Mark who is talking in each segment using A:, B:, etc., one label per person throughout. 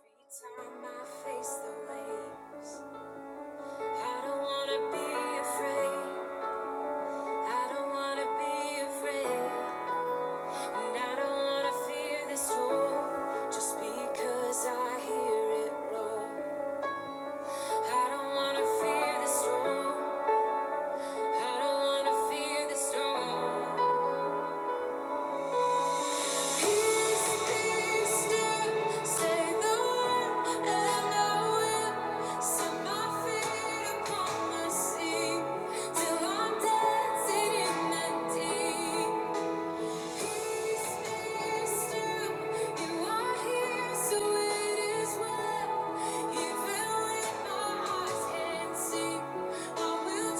A: Time I face the waves. I don't wanna be afraid. I don't wanna be afraid. And I don't wanna fear the storm. Just because I hear it roar. I don't wanna fear the storm. I don't wanna fear the storm.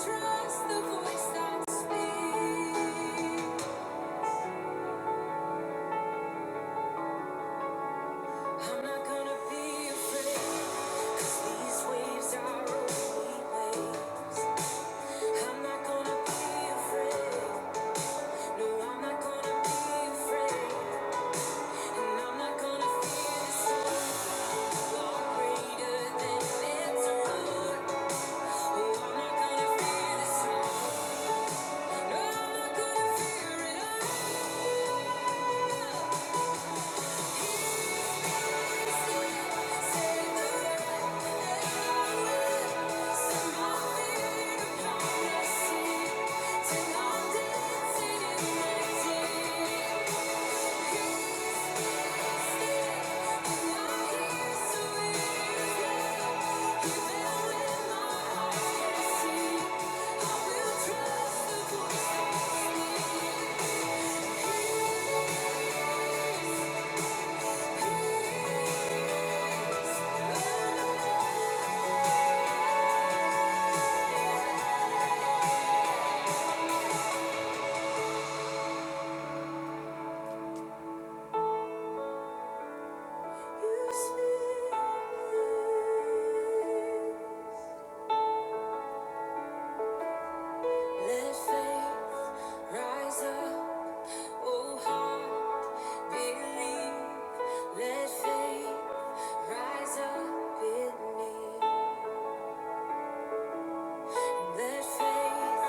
A: Trust the voice that speaks. I'm not gonna be afraid, 'cause these waves are only waves. I'm not gonna be afraid. No, I'm not gonna be afraid. And I'm not gonna fear the storm. Far greater than its roar. Oh, I'm not gonna fear the storm. No, I'm not gonna fear it all. Thank you Let faith rise up, oh heart, believe. Let faith rise up in me. Let faith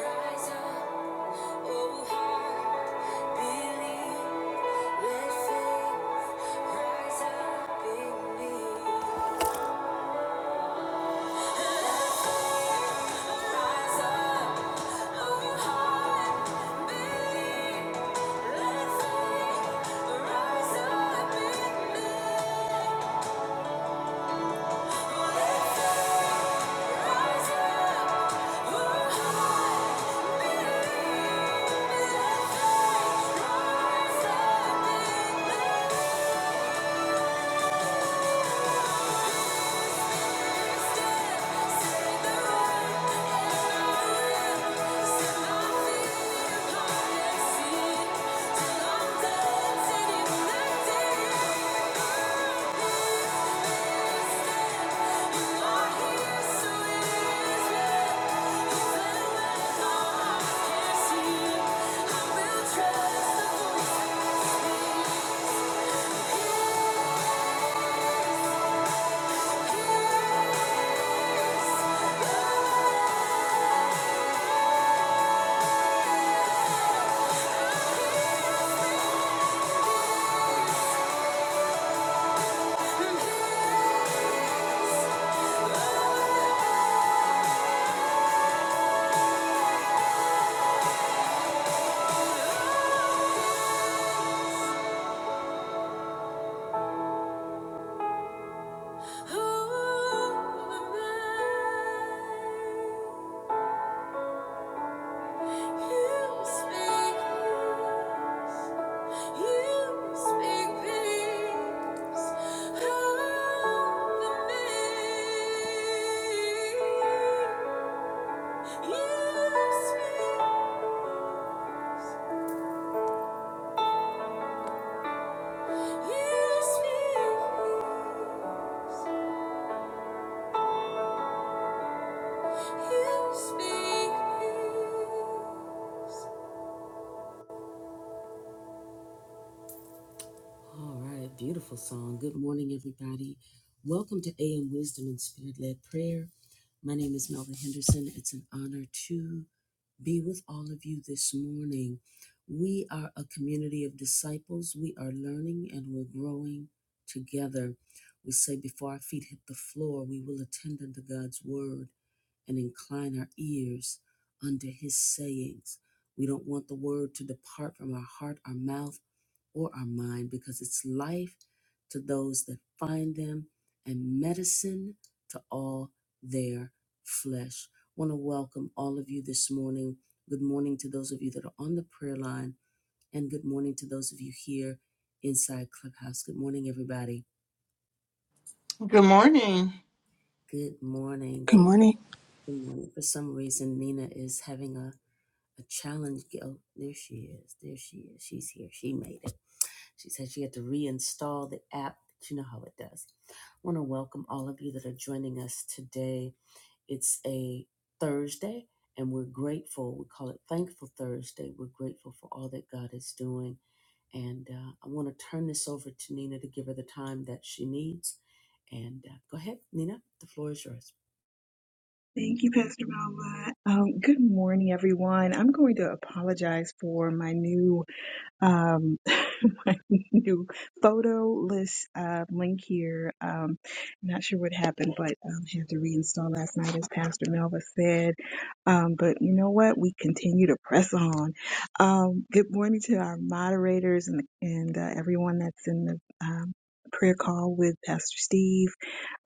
A: rise up, oh heart, believe. Let faith rise up in me. Rise up, oh heart, believe. Let faith rise up in me. Yeah. Thank you All right, beautiful song. Good morning, everybody. Welcome to AM Wisdom and Spirit Led Prayer. My name is Melvin Henderson. It's an honor to. be with all of you this morning. We are a community of disciples. We are learning and we're growing together. We say, before our feet hit the floor, we will attend unto God's word and incline our ears unto his sayings. We don't want the word to depart from our heart, our mouth or our mind because it's life to those that find them and medicine to all their flesh. want to welcome all of you this morning. Good morning to those of you that are on the prayer line, and good morning to those of you here inside Clubhouse. Good morning, everybody.
B: Good morning.
A: Good morning.
C: Good
A: For-
C: morning.
A: Good morning. For some reason, Nina is having a, a challenge. Ge- Oh, there she is. There she is. She's here. She made it. She said she had to reinstall the app. But you know how it does. I want to welcome all of you that are joining us today. It's a Thursday, and we're grateful. We call it Thankful Thursday. We're grateful for all that God is doing. And uh, I want to turn this over to Nina to give her the time that she needs. And uh, go ahead, Nina. The floor is yours.
D: Thank you, Pastor Melva. Um, good morning, everyone. I'm going to apologize for my new um, my new photo list uh, link here. Um, not sure what happened, but um, had to reinstall last night, as Pastor Melva said. Um, but you know what? We continue to press on. Um, good morning to our moderators and and uh, everyone that's in the um, prayer call with Pastor Steve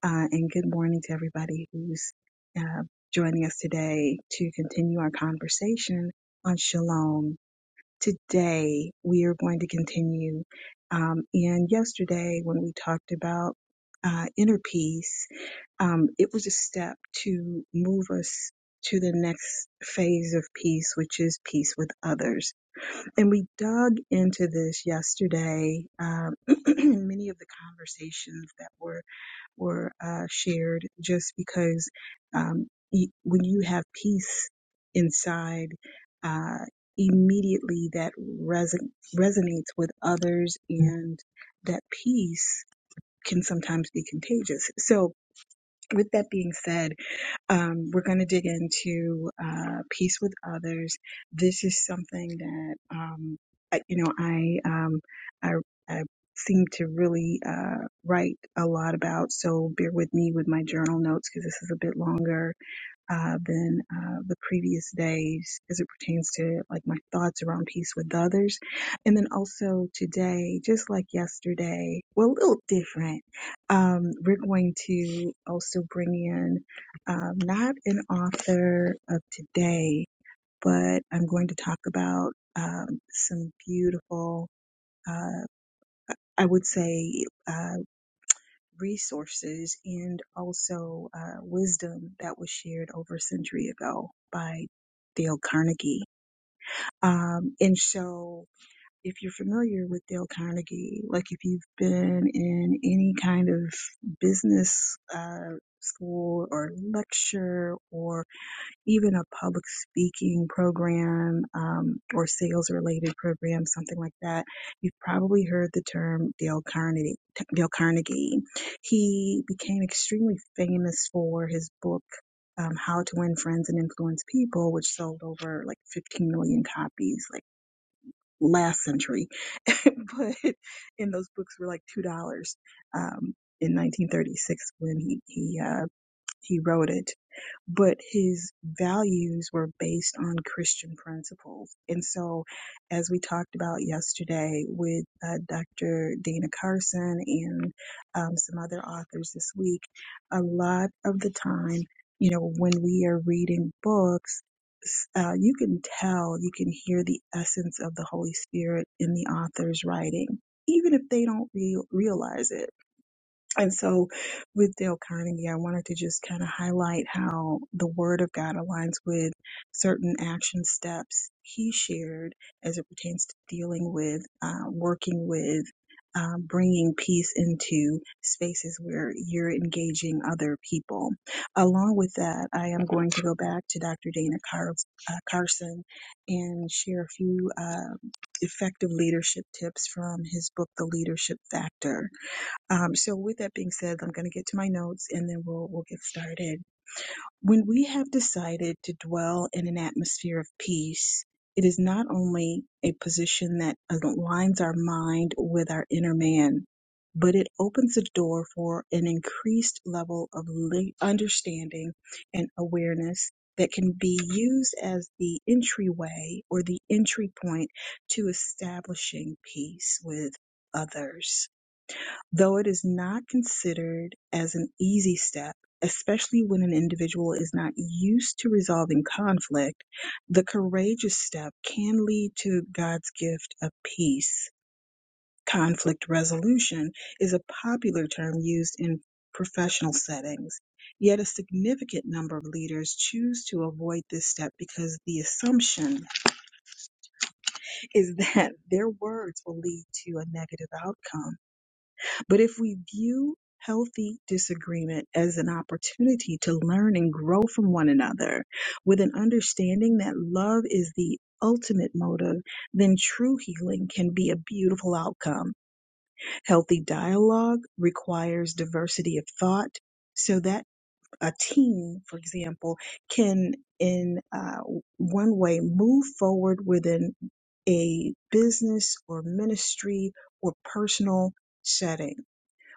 D: uh, and good morning to everybody who's uh, joining us today to continue our conversation on shalom. Today, we are going to continue. Um, and yesterday, when we talked about uh, inner peace, um, it was a step to move us to the next phase of peace, which is peace with others. And we dug into this yesterday. Um, many of the conversations that were or uh, shared just because um, y- when you have peace inside, uh, immediately that reson- resonates with others and that peace can sometimes be contagious. So with that being said, um, we're going to dig into uh, peace with others. This is something that um, I, you know I um, I, I seem to really uh, write a lot about. So bear with me with my journal notes because this is a bit longer uh, than uh, the previous days as it pertains to like my thoughts around peace with others. And then also today, just like yesterday, well, a little different, um, we're going to also bring in um, not an author of today, but I'm going to talk about um, some beautiful, uh, I would say, uh, resources and also uh, wisdom that was shared over a century ago by Dale Carnegie. Um, and so, if you're familiar with Dale Carnegie, like if you've been in any kind of business uh, school or lecture or even a public speaking program um, or sales related program, something like that, you've probably heard the term Dale Carnegie. Dale Carnegie. He became extremely famous for his book. Um, how to win friends and influence people, which sold over like 15 million copies like last century. but, and those books were like $2 um, in 1936 when he, he, uh, he wrote it but his values were based on Christian principles. And so, as we talked about yesterday with uh, Dr. Dana Carson and um, some other authors this week, a lot of the time, you know, when we are reading books, s- uh, you can tell, you can hear the essence of the Holy Spirit in the author's writing, even if they don't re- realize it and so with Dale Carnegie, I wanted to just kind of highlight how the Word of God aligns with certain action steps he shared as it pertains to dealing with, uh, working with, um, bringing peace into spaces where you're engaging other people. Along with that, I am going to go back to Dr. Dana Car- uh, Carson and share a few uh, effective leadership tips from his book, The Leadership Factor um, so with that being said, I'm going to get to my notes and then we'll, we'll get started. When we have decided to dwell in an atmosphere of peace, it is not only a position that aligns our mind with our inner man, but it opens the door for an increased level of li- understanding and awareness that can be used as the entryway or the entry point to establishing peace with others though it is not considered as an easy step, especially when an individual is not used to resolving conflict, the courageous step can lead to God's gift of peace. Conflict resolution is a popular term used in professional settings. Yet a significant number of leaders choose to avoid this step because the assumption is that their words will lead to a negative outcome. But if we view healthy disagreement as an opportunity to learn and grow from one another with an understanding that love is the ultimate motive, then true healing can be a beautiful outcome. Healthy dialogue requires diversity of thought so that a team, for example, can in uh, one way move forward within a business or ministry or personal setting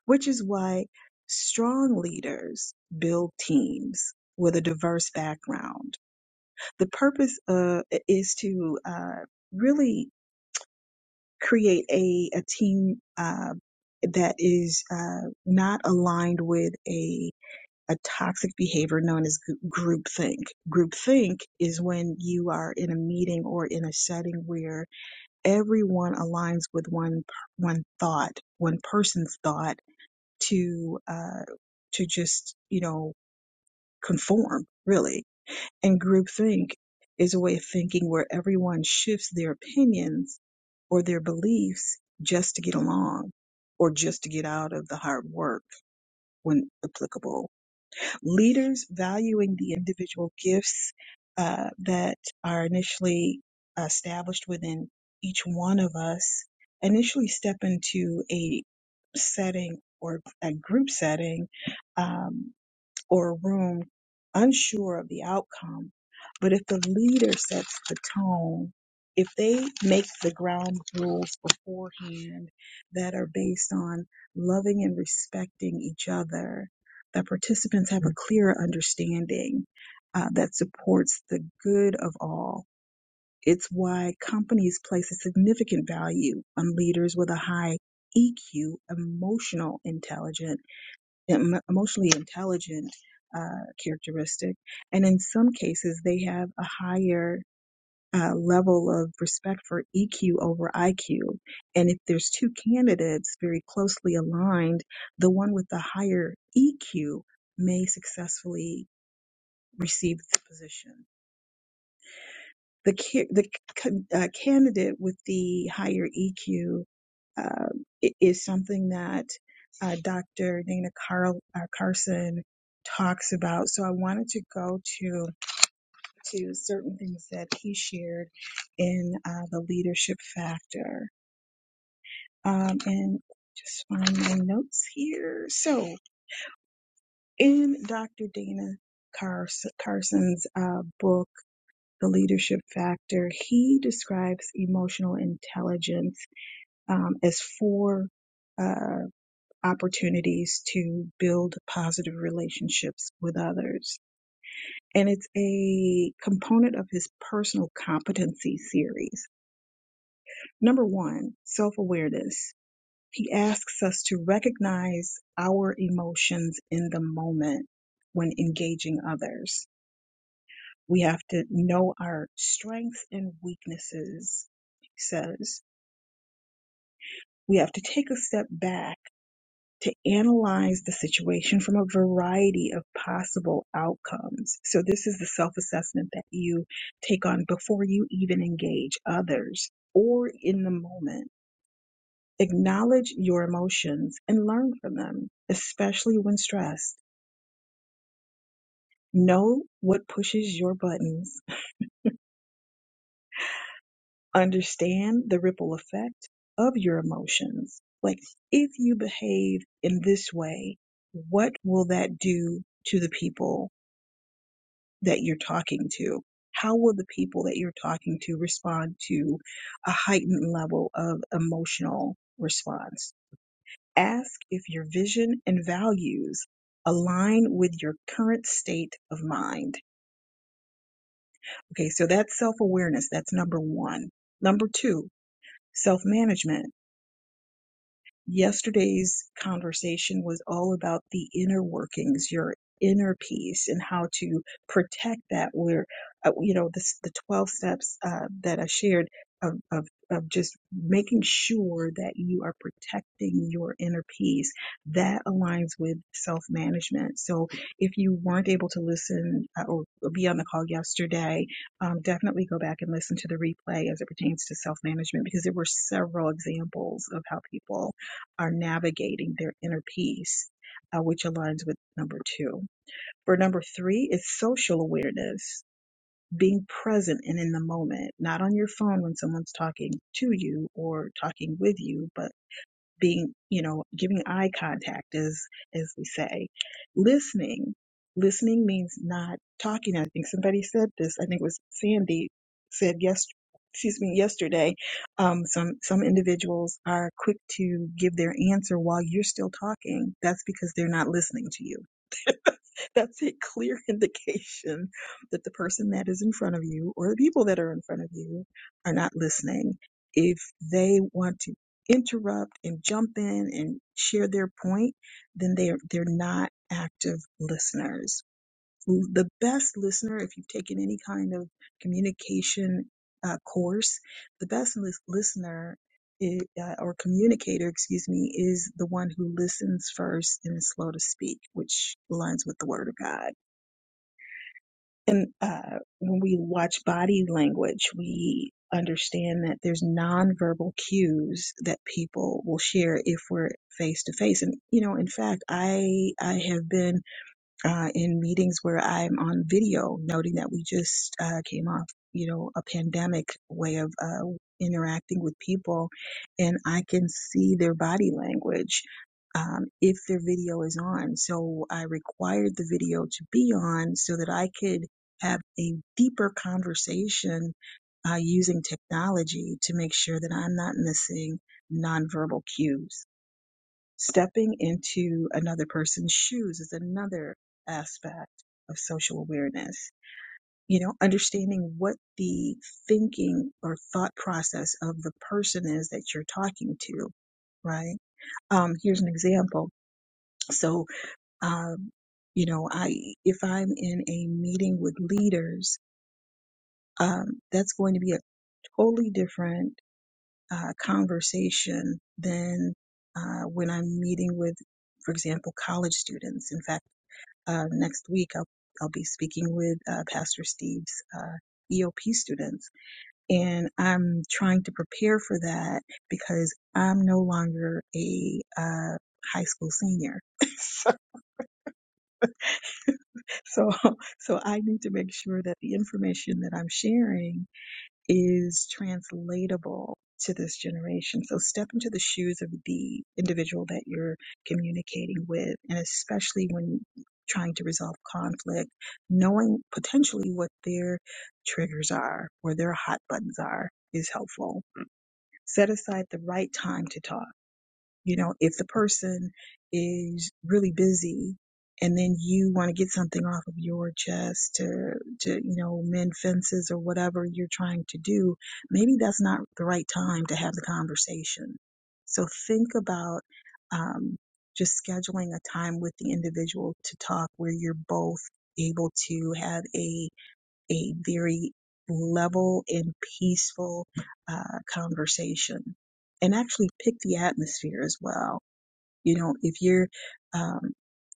D: which is why strong leaders build teams with a diverse background. The purpose uh, is to uh, really create a, a team uh, that is uh, not aligned with a a toxic behavior known as gr- groupthink. Groupthink is when you are in a meeting or in a setting where everyone aligns with one per- one thought, one person's thought, to uh, to just you know conform really. And groupthink is a way of thinking where everyone shifts their opinions or their beliefs just to get along or just to get out of the hard work when applicable leaders valuing the individual gifts uh, that are initially uh, established within each one of us initially step into a setting or a group setting. Um, or a room unsure of the outcome. But if the leader sets the tone, if they make the ground rules beforehand that are based on loving and respecting each other, that participants have a clearer understanding uh, that supports the good of all. It's why companies place a significant value on leaders with a high EQ, emotional intelligence em- emotionally intelligent uh, characteristic. And in some cases, they have a higher uh, level of respect for EQ over IQ. And if there's two candidates very closely aligned, the one with the higher EQ may successfully receive the position the ca- the c- uh, candidate with the higher EQ uh, i- is something that uh, Dr. Dana Carl uh, Carson talks about. So I wanted to go to to certain things that he shared in uh, the leadership factor, um, and just find my notes here. So in Dr. Dana Cars- Carson's uh, book. the leadership factor, he describes emotional intelligence um, as four uh, opportunities to build positive relationships with others. And it's a component of his personal competency series. Number one, self awareness. He asks us to recognize our emotions in the moment when engaging others. We have to know our strengths and weaknesses, he says we have to take a step back to analyze the situation from a variety of possible outcomes. So, this is the self assessment that you take on before you even engage others or in the moment. Acknowledge your emotions and learn from them, especially when stressed. Know what pushes your buttons understand the ripple effect of your emotions. Like, if you behave in this way, what will that do to the people that you're talking to? How will the people that you're talking to respond to a heightened level of emotional response? Ask if your vision and values align with your current state of mind. Okay, so that's self awareness. That's number one. Number two, self management yesterday's conversation was all about the inner workings, your inner peace, and how to protect that. Where, uh, you know, this, the 12 steps uh, that I shared of, of, of just making sure that you are protecting your inner peace, that aligns with self management. So if you weren't able to listen uh, or be on the call yesterday, um, definitely go back and listen to the replay as it pertains to self management because there were several examples of how people are navigating their inner peace, uh, which aligns with number two. For number three it's social awareness, being present and in the moment, not on your phone when someone's talking to you or talking with you, but being you know giving eye contact as as we say listening listening means not talking i think somebody said this i think it was sandy said yes excuse me yesterday um some some individuals are quick to give their answer while you're still talking that's because they're not listening to you That's a clear indication that the person that is in front of you or the people that are in front of you are not listening. If they want to interrupt and jump in and share their point, then they're, they're not active listeners the best listener, if you've taken any kind of communication uh, course, the best lis- listener i uh, or communicator, excuse me, is the one who listens first and is slow to speak, which aligns with the Word of God. And uh, when we watch body language, we understand that there's nonverbal cues that people will share if we're face to face. And you know, in fact, I I have been uh, in meetings where I'm on video, noting that we just uh, came off, you know, a pandemic way of uh, interacting with people, and I can see their body language um, if their video is on. So I required the video to be on so that I could have a deeper conversation uh, using technology to make sure that I'm not missing nonverbal cues Stepping into another person's shoes is another aspect of social awareness. You know, understanding what the thinking or thought process of the person is that you're talking to, right? Um, here's an example. So, um, you know, I, if I'm in a meeting with leaders, um, that's going to be a totally different uh, conversation than uh, when I'm meeting with, for example, college students. In fact, Uh, next week, I'll, I'll be speaking with uh, Pastor Steve's uh, EOP students, and I'm trying to prepare for that because I'm no longer a uh, high school senior. so, so so I need to make sure that the information that I'm sharing is translatable to this generation. So step into the shoes of the individual that you're communicating with, and especially when trying to resolve conflict, knowing potentially what their triggers are or their hot buttons are is helpful. Set aside the right time to talk you know, if the person is really busy and then you want to get something off of your chest to, to, you know, mend fences or whatever you're trying to do, maybe that's not the right time to have the conversation. So think about, um, just scheduling a time with the individual to talk where you're both able to have a a very level and peaceful uh, conversation and actually pick the atmosphere as well. You know, if you're um,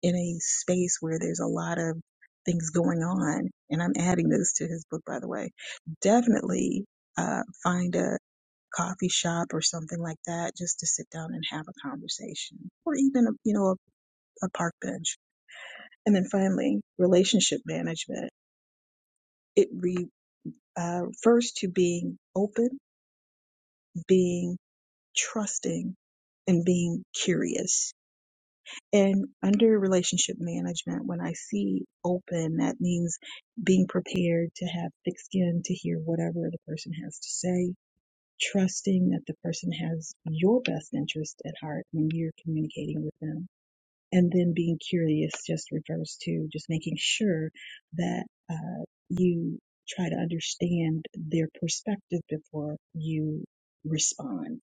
D: in a space where there's a lot of things going on, and I'm adding this to his book, by the way, definitely uh, find a coffee shop or something like that just to sit down and have a conversation or even, a, you know, a, a park bench. And then finally, relationship management. It re uh, first to being open, being trusting, and being curious. And under relationship management, when I see open, that means being prepared to have thick skin to hear whatever the person has to say, trusting that the person has your best interest at heart when you're communicating with them and then being curious just refers to just making sure that uh, you try to understand their perspective before you respond.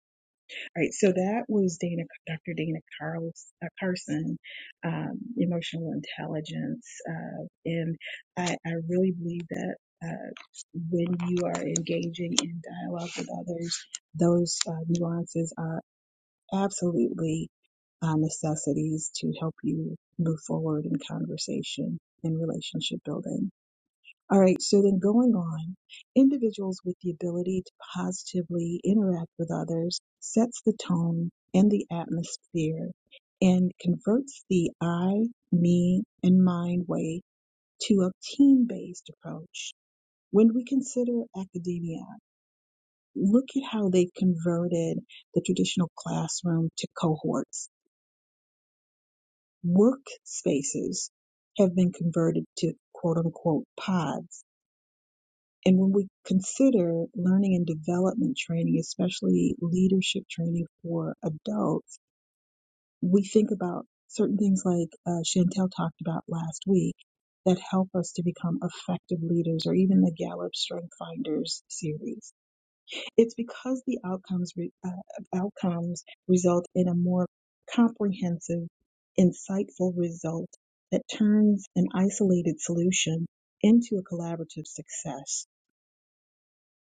D: All right, so that was Dana, Dr. Dana Carls, uh, Carson, um, emotional intelligence, uh, and I, I really believe that. Uh, when you are engaging in dialogue with others, those uh, nuances are absolutely uh, necessities to help you move forward in conversation and relationship building. All right, so then going on, individuals with the ability to positively interact with others sets the tone and the atmosphere and converts the I, me, and mine way to a team based approach. When we consider academia, look at how they've converted the traditional classroom to cohorts workspaces have been converted to quote unquote pods. And when we consider learning and development training, especially leadership training for adults, we think about certain things like uh, Chantel talked about last week that help us to become effective leaders or even the Gallup Strength Finders series it's because the outcomes re, uh, outcomes result in a more comprehensive, insightful result that turns an isolated solution into a collaborative success,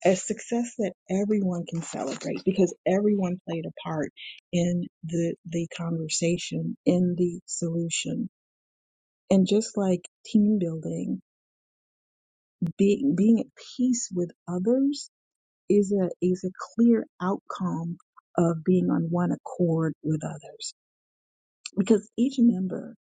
D: a success that everyone can celebrate because everyone played a part in the the conversation, in the solution. And just like team building, being being at peace with others is a is a clear outcome of being on one accord with others because each member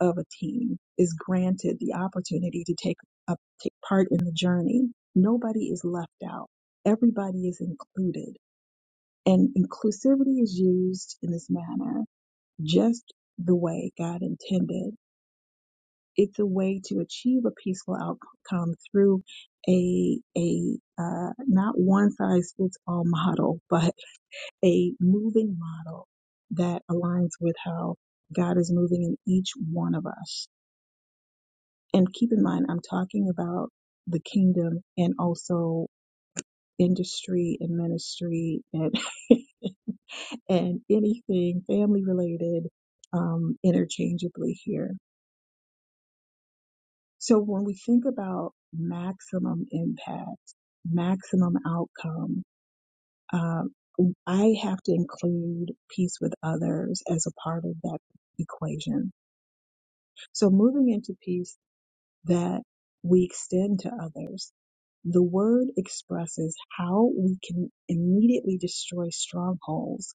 D: of a team is granted the opportunity to take up take part in the journey nobody is left out everybody is included and inclusivity is used in this manner just the way god intended it's a way to achieve a peaceful outcome through a a uh, not one size fits all model, but a moving model that aligns with how God is moving in each one of us. And keep in mind, I'm talking about the kingdom and also industry and ministry and and anything family related um, interchangeably here. So when we think about maximum impact, maximum outcome, um, I have to include peace with others as a part of that equation So moving into peace that we extend to others, the word expresses how we can immediately destroy strongholds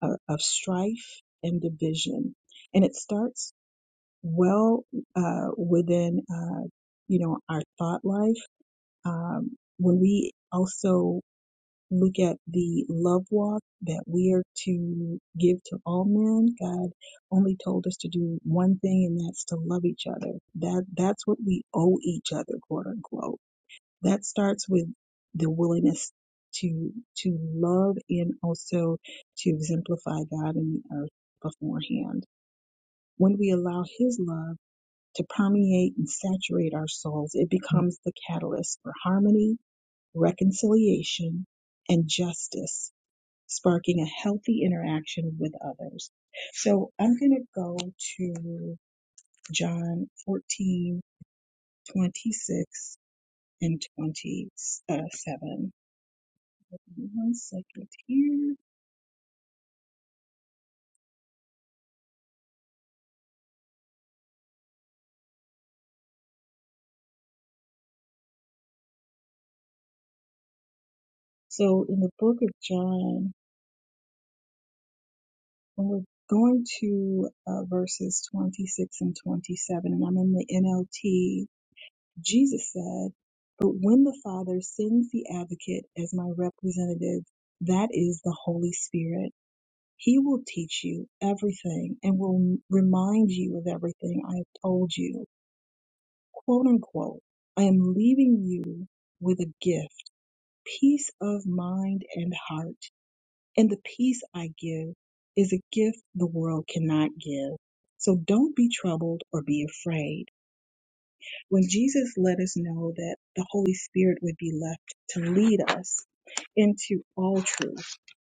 D: of, of strife and division. And it starts well uh, within, uh, you know, our thought life. Um, when we also look at the love walk that we are to give to all men, God only told us to do one thing, and that's to love each other. That that's what we owe each other, quote unquote. That starts with the willingness to to love and also to exemplify God in the earth beforehand. When we allow His love to permeate and saturate our souls, it becomes the catalyst for harmony, reconciliation, and justice sparking a healthy interaction with others. So I'm going to go to John 14:26 and 27. One second here. So in the book of John, when we're going to uh, verses 26 and 27, and I'm in the NLT, Jesus said, But when the Father sends the advocate as my representative, that is the Holy Spirit He will teach you everything and will remind you of everything I have told you. Quote unquote, I am leaving you with a gift, peace of mind and heart. And the peace I give is a gift the world cannot give. So don't be troubled or be afraid. When Jesus let us know that the Holy Spirit would be left to lead us into all truth,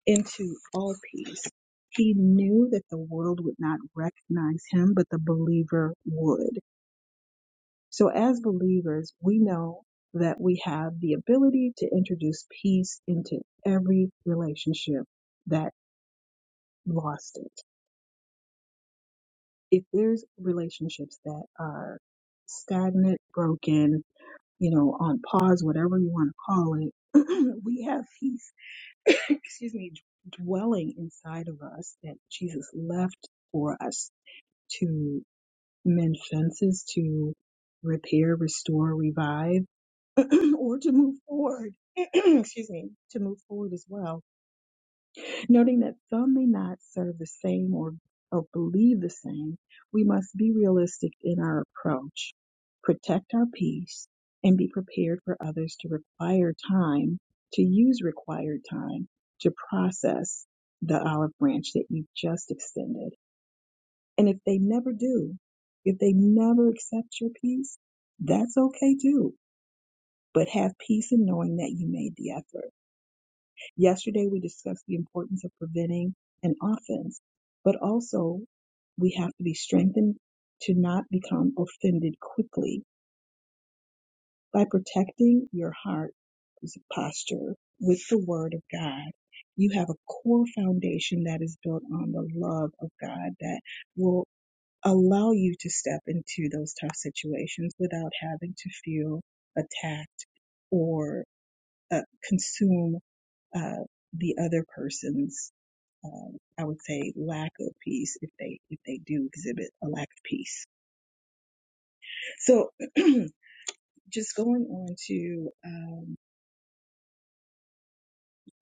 D: into all peace. He knew that the world would not recognize him, but the believer would. So, as believers, we know that we have the ability to introduce peace into every relationship that lost it. If there's relationships that are stagnant, broken, you know, on pause, whatever you want to call it, we have peace, excuse me, dwelling inside of us that Jesus left for us to mend fences, to repair, restore, revive, or to move forward. Excuse me, to move forward as well. Noting that some may not serve the same or, or believe the same, we must be realistic in our approach, protect our peace, and be prepared for others to require time, to use required time to process the olive branch that you've just extended. And if they never do, if they never accept your peace, that's okay too. But have peace in knowing that you made the effort. Yesterday we discussed the importance of preventing an offense, but also we have to be strengthened to not become offended quickly by protecting your heart posture with the word of God. You have a core foundation that is built on the love of God that will allow you to step into those tough situations without having to feel attacked or uh, consume uh, the other person's, um, I would say, lack of peace if they if they do exhibit a lack of peace. So just going on to um,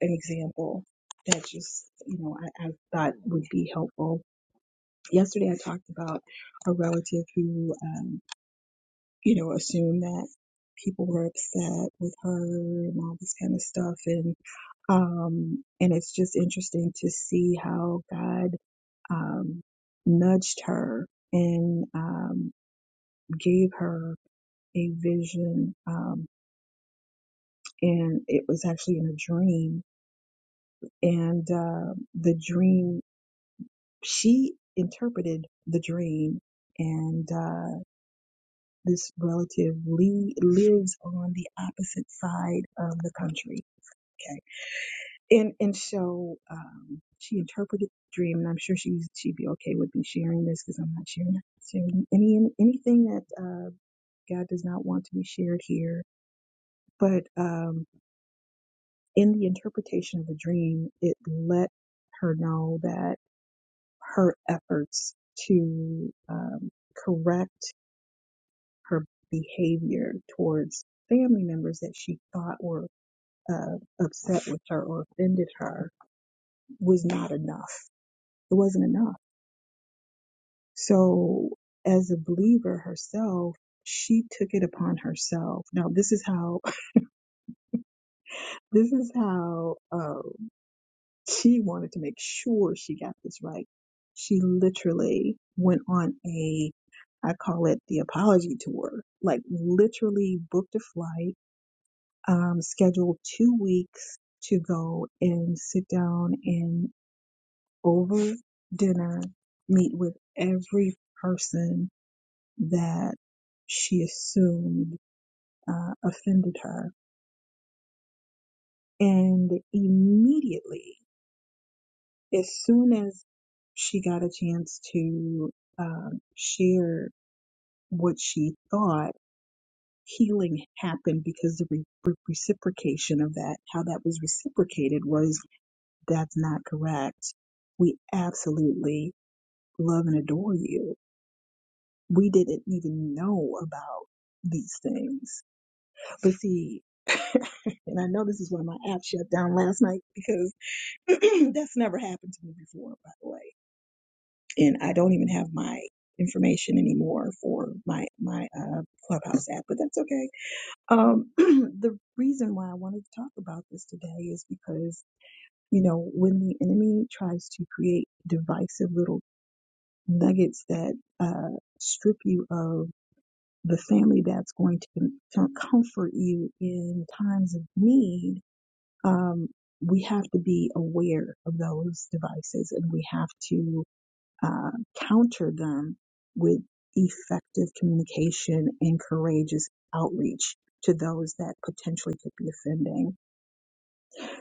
D: an example that just you know I, I thought would be helpful. Yesterday I talked about a relative who um, you know, assume that people were upset with her and all this kind of stuff. And, um, and it's just interesting to see how God, um, nudged her and, um, gave her a vision. Um, and it was actually in a dream and, uh, the dream, she interpreted the dream and, uh, this relative Lee lives on the opposite side of the country. Okay. and and so um, she interpreted the dream, and I'm sure she's she'd be okay with me sharing this because I'm not sharing sharing any anything that uh, God does not want to be shared here. But um, in the interpretation of the dream, it let her know that her efforts to um, correct her behavior towards family members that she thought were uh, upset with her or offended her was not enough. It wasn't enough So, as a believer herself, she took it upon herself. Now, this is how this is how uh, she wanted to make sure she got this right. She literally went on a, I call it the apology tour. Like literally booked a flight, um, scheduled two weeks to go and sit down and over dinner meet with every person that she assumed uh, offended her. And immediately, as soon as she got a chance to um, share what she thought, healing happened because the re- re- reciprocation of that, how that was reciprocated, was that's not correct. We absolutely love and adore you. We didn't even know about these things But see, and I know this is why my app shut down last night because that's never happened to me before, by the way. And I don't even have my information anymore for my my uh, clubhouse app, but that's okay. Um, the reason why I wanted to talk about this today is because you know when the enemy tries to create divisive little nuggets that uh, strip you of the family that's going to com- comfort you in times of need um, we have to be aware of those devices and we have to uh, counter them with effective communication and courageous outreach to those that potentially could be offending.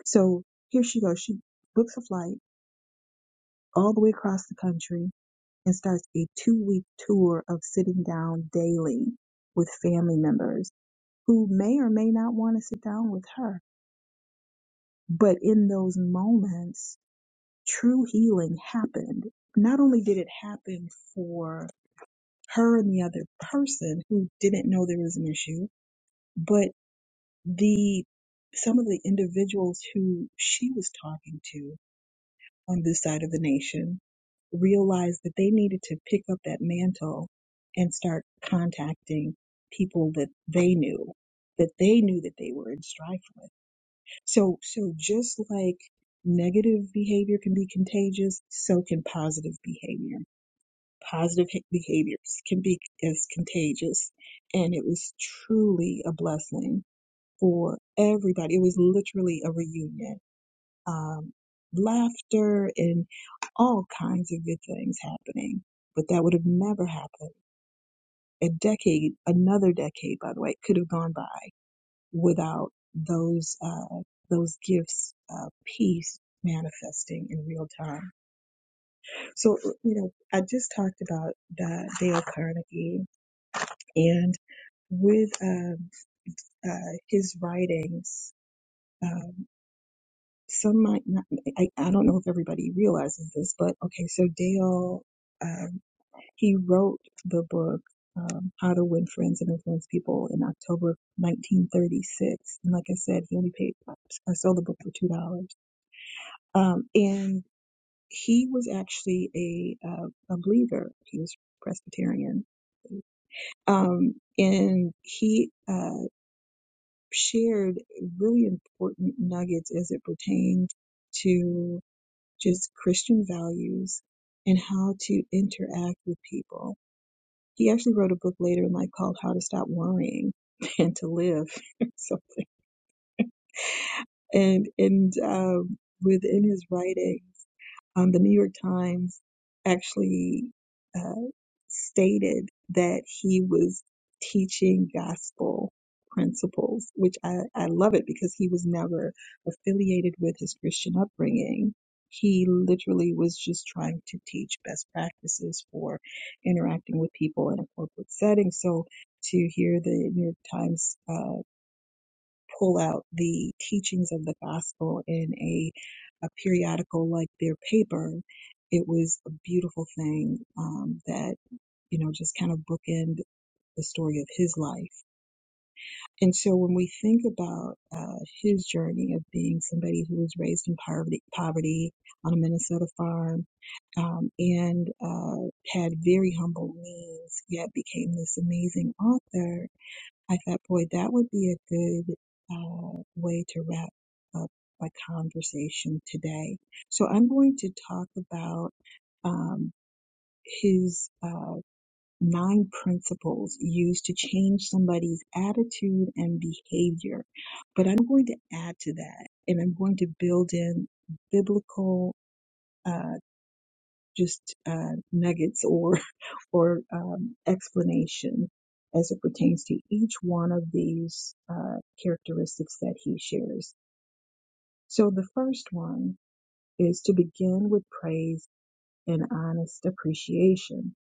D: So here she goes. She books a flight all the way across the country and starts a two week tour of sitting down daily with family members who may or may not want to sit down with her. But in those moments, true healing happened. Not only did it happen for her and the other person who didn't know there was an issue, but the some of the individuals who she was talking to on this side of the nation realized that they needed to pick up that mantle and start contacting people that they knew, that they knew that they were in strife with. So, so just like negative behavior can be contagious, so can positive behavior. Positive ha- behaviors can be as contagious. And it was truly a blessing for everybody. It was literally a reunion. Um, laughter and all kinds of good things happening. But that would have never happened. A decade, another decade, by the way, could have gone by without those uh, those gifts of peace manifesting in real time. So uh, you know, I just talked about that Dale Carnegie and with um, uh, his writings. Um, some might not, I, I don't know if everybody realizes this, but okay, so Dale, um, he wrote the book, um, How to Win Friends and Influence People in October 1936. And like I said, he only paid, I sold the book for $2 Um, and he was actually a, uh, a believer. He was Presbyterian. Um, and he uh, shared really important nuggets as it pertained to just Christian values and how to interact with people. He actually wrote a book later in life called How to Stop Worrying and to Live or something. And, and um, within his writings. Um, the New York Times actually uh, stated that he was teaching gospel principles, which I, I love it because he was never affiliated with his Christian upbringing. He literally was just trying to teach best practices for interacting with people in a corporate setting. So to hear the New York Times uh, pull out the teachings of the gospel in a, a periodical like their paper. It was a beautiful thing um, that, you know, just kind of bookend the story of his life. And so when we think about uh, his journey of being somebody who was raised in poverty, poverty on a Minnesota farm, um, and uh, had very humble means, yet became this amazing author I thought, boy, that would be a good uh, way to wrap up a conversation today. So I'm going to talk about um, his uh, nine principles used to change somebody's attitude and behavior. But I'm going to add to that, and I'm going to build in biblical. uh, just uh, nuggets or or um, explanation as it pertains to each one of these uh, characteristics that he shares. So the first one is to begin with praise and honest appreciation.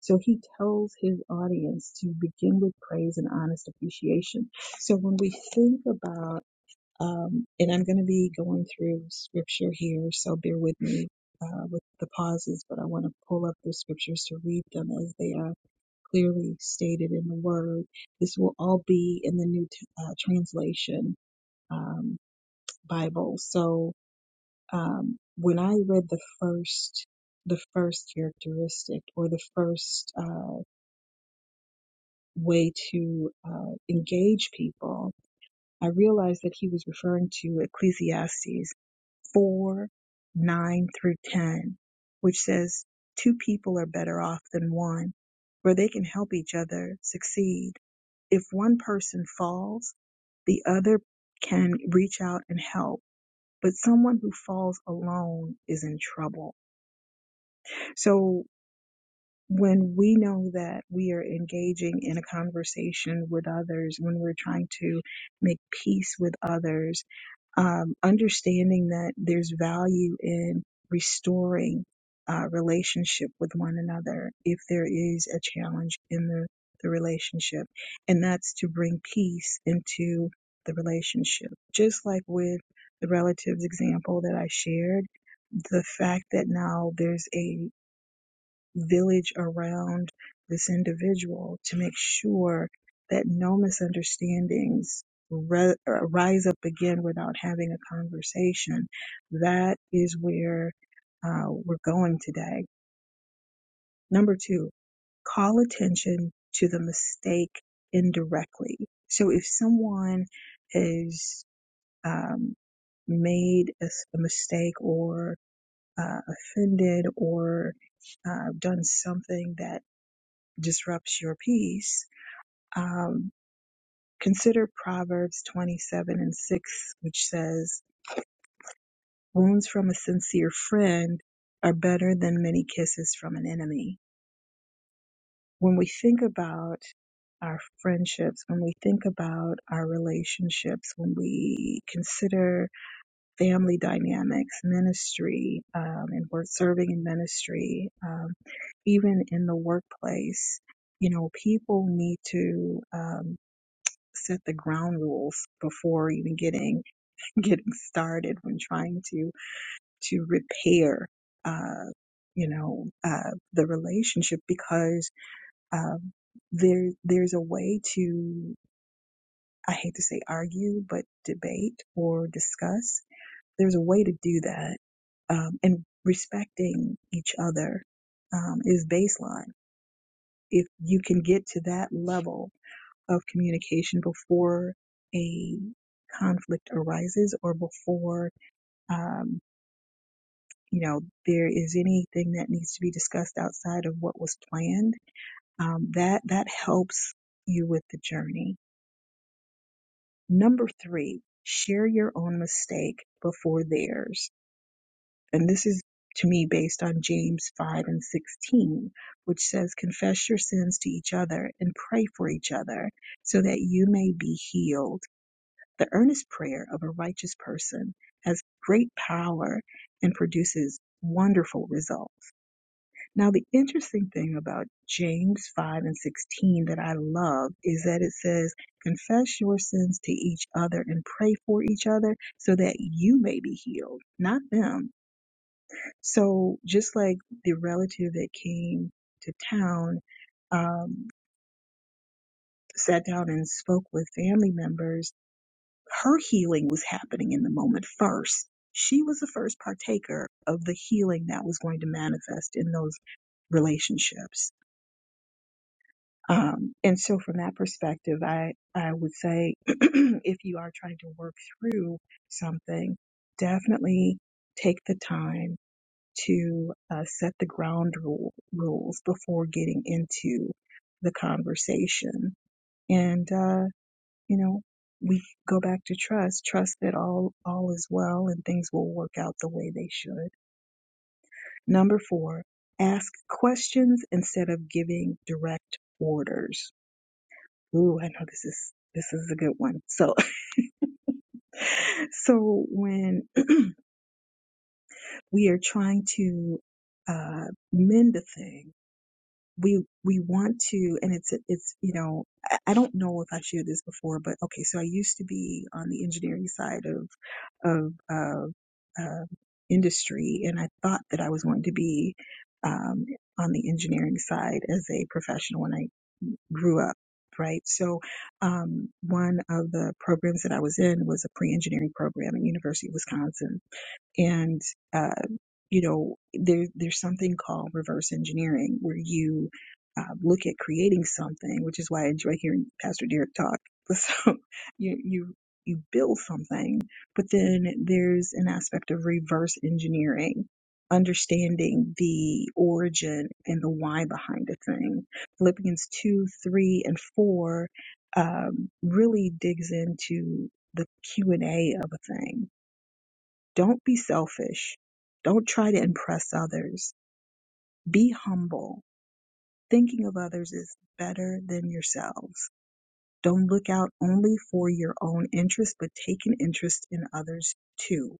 D: So he tells his audience to begin with praise and honest appreciation. So when we think about um, and I'm going to be going through scripture here, so bear with me uh, with the pauses, but I want to pull up the scriptures to read them as they are clearly stated in the Word. This will all be in the New T- uh, Translation um, Bible. So um, when I read the first, the first characteristic or the first uh, way to uh, engage people, I realized that he was referring to Ecclesiastes 4, 9 through 10, which says two people are better off than one, for they can help each other succeed. If one person falls, the other can reach out and help. But someone who falls alone is in trouble. So when we know that we are engaging in a conversation with others, when we're trying to make peace with others, um, understanding that there's value in restoring uh, relationship with one another if there is a challenge in the, the relationship. And that's to bring peace into the relationship. Just like with the relatives example that I shared, the fact that now there's a village around this individual to make sure that no misunderstandings re- uh, rise up again without having a conversation. That is where uh, we're going today. Number two, call attention to the mistake indirectly. So if someone has um, made a, s- a mistake or uh, offended or uh, done something that disrupts your peace, um, consider Proverbs 27 and 6, which says, Wounds from a sincere friend are better than many kisses from an enemy. When we think about our friendships, when we think about our relationships, when we consider family dynamics, ministry, um, and we're serving in ministry, um, even in the workplace, you know, people need to um, set the ground rules before even getting getting started when trying to to repair uh you know uh the relationship because um there there's a way to I hate to say argue but debate or discuss there's a way to do that um and respecting each other um is baseline if you can get to that level of communication before a conflict arises or before um, you know there is anything that needs to be discussed outside of what was planned um, that that helps you with the journey number three share your own mistake before theirs and this is to me based on james 5 and 16 which says confess your sins to each other and pray for each other so that you may be healed The earnest prayer of a righteous person has great power and produces wonderful results. Now, the interesting thing about James 5 and 16 that I love is that it says, Confess your sins to each other and pray for each other so that you may be healed, not them. So, just like the relative that came to town um, sat down and spoke with family members her healing was happening in the moment first. She was the first partaker of the healing that was going to manifest in those relationships. Um, and so, from that perspective, I, I would say if you are trying to work through something, definitely take the time to uh, set the ground rule, rules before getting into the conversation. And uh, you know, we go back to trust, trust that all all is well and things will work out the way they should. Number 4, ask questions instead of giving direct orders. Ooh, I know this is this is a good one. So so when we are trying to uh mend a thing we we want to and it's it's you know I I don't know if I shared this before but okay so I used to be on the engineering side of of uh, uh, industry and I thought that I was going to be um, on the engineering side as a professional when I grew up right so um, one of the programs that I was in was a pre-engineering program at University of Wisconsin and, uh, you know, there, there's something called reverse engineering where you uh, look at creating something, which is why I enjoy hearing Pastor Derek talk. So you, you, you build something, but then there's an aspect of reverse engineering, understanding the origin and the why behind a thing. Philippians 2, 3, and 4 um, really digs into the Q&A of a thing don't be selfish. Don't try to impress others. Be humble. Thinking of others is better than yourselves. Don't look out only for your own interest, but take an interest in others too.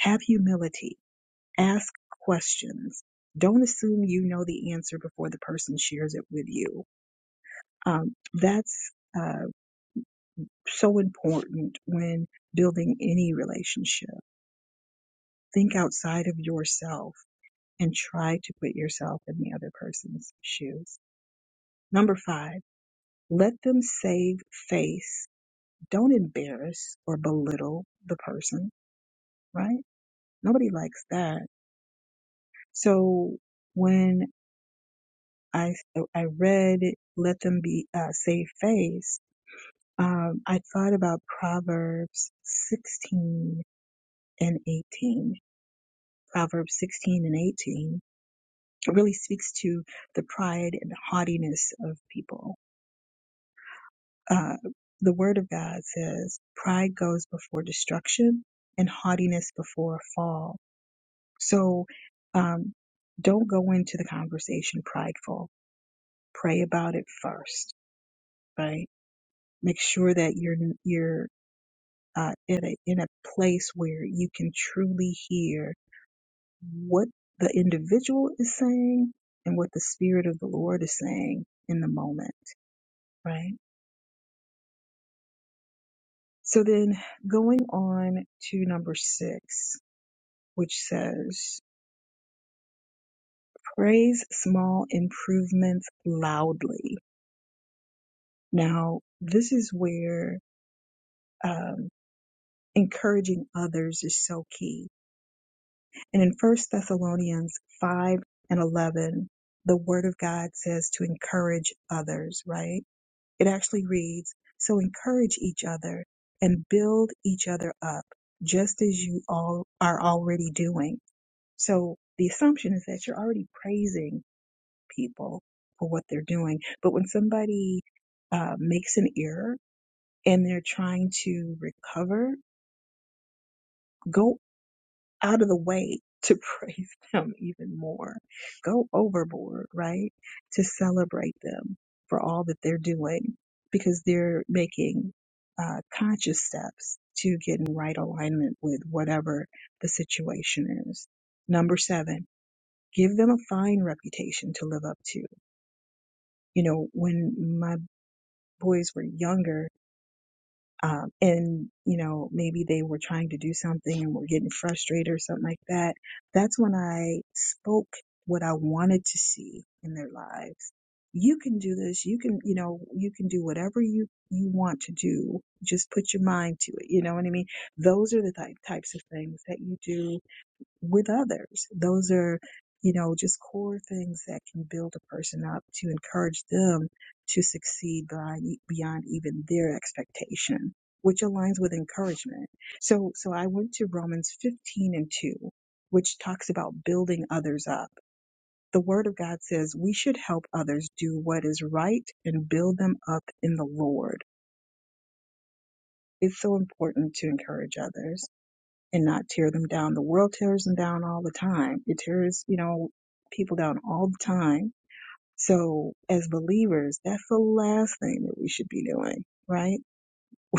D: Have humility. Ask questions. Don't assume you know the answer before the person shares it with you. Um, that's uh, so important when building any relationship. Think outside of yourself and try to put yourself in the other person's shoes. Number five, let them save face. Don't embarrass or belittle the person, right? Nobody likes that. So when I, so I read let them be uh, save face, um, I thought about Proverbs 16 and 18. Proverbs 16 and 18 really speaks to the pride and haughtiness of people uh, the word of God says, pride goes before destruction and haughtiness before a fall. So um, don't go into the conversation prideful. Pray about it first, right? Make sure that you're you're uh, in a in a place where you can truly hear what the individual is saying and what the spirit of the Lord is saying in the moment, right? So then going on to number six, which says, praise small improvements loudly. Now, this is where um, encouraging others is so key. And in First Thessalonians 5 and 11, the word of God says to encourage others, right? It actually reads, so encourage each other and build each other up, just as you all are already doing. So the assumption is that you're already praising people for what they're doing. But when somebody uh, makes an error and they're trying to recover, go out of the way to praise them even more. Go overboard, right? To celebrate them for all that they're doing because they're making uh, conscious steps to get in right alignment with whatever the situation is. Number seven, give them a fine reputation to live up to. You know, when my boys were younger um, and you know maybe they were trying to do something and were getting frustrated or something like that that's when i spoke what i wanted to see in their lives you can do this you can you know you can do whatever you you want to do just put your mind to it you know what i mean those are the type, types of things that you do with others. Those are, you know, just core things that can build a person up to encourage them to succeed beyond, beyond even their expectation, which aligns with encouragement. So, so I went to Romans 15 and 2, which talks about building others up. The word of God says we should help others do what is right and build them up in the Lord. It's so important to encourage others and not tear them down. The world tears them down all the time. It tears, you know, people down all the time. So as believers, that's the last thing that we should be doing, right?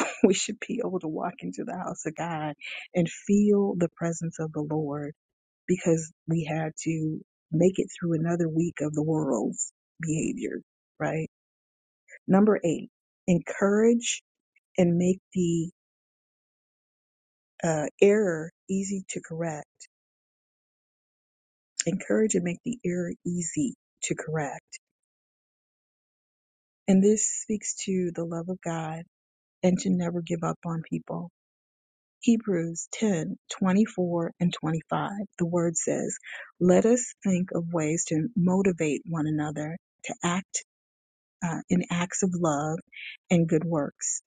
D: We should be able to walk into the house of God and feel the presence of the Lord because we had to make it through another week of the world's behavior, right? Number eight, encourage and make the uh, error easy to correct. encourage and make the error easy to correct. And this speaks to the love of God and to never give up on people. Hebrews 10 24 and 25. The word says, Let us think of ways to motivate one another to act uh, in acts of love and good works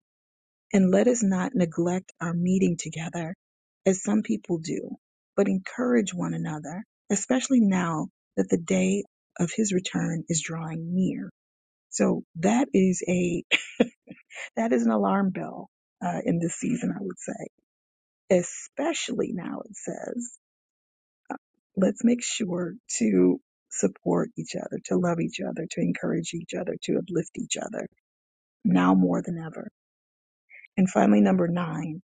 D: And let us not neglect our meeting together as some people do, but encourage one another, especially now that the day of his return is drawing near. So that is a that is an alarm bell uh, in this season, I would say. Especially now, it says, uh, let's make sure to support each other, to love each other, to encourage each other, to uplift each other now more than ever. And finally, number nine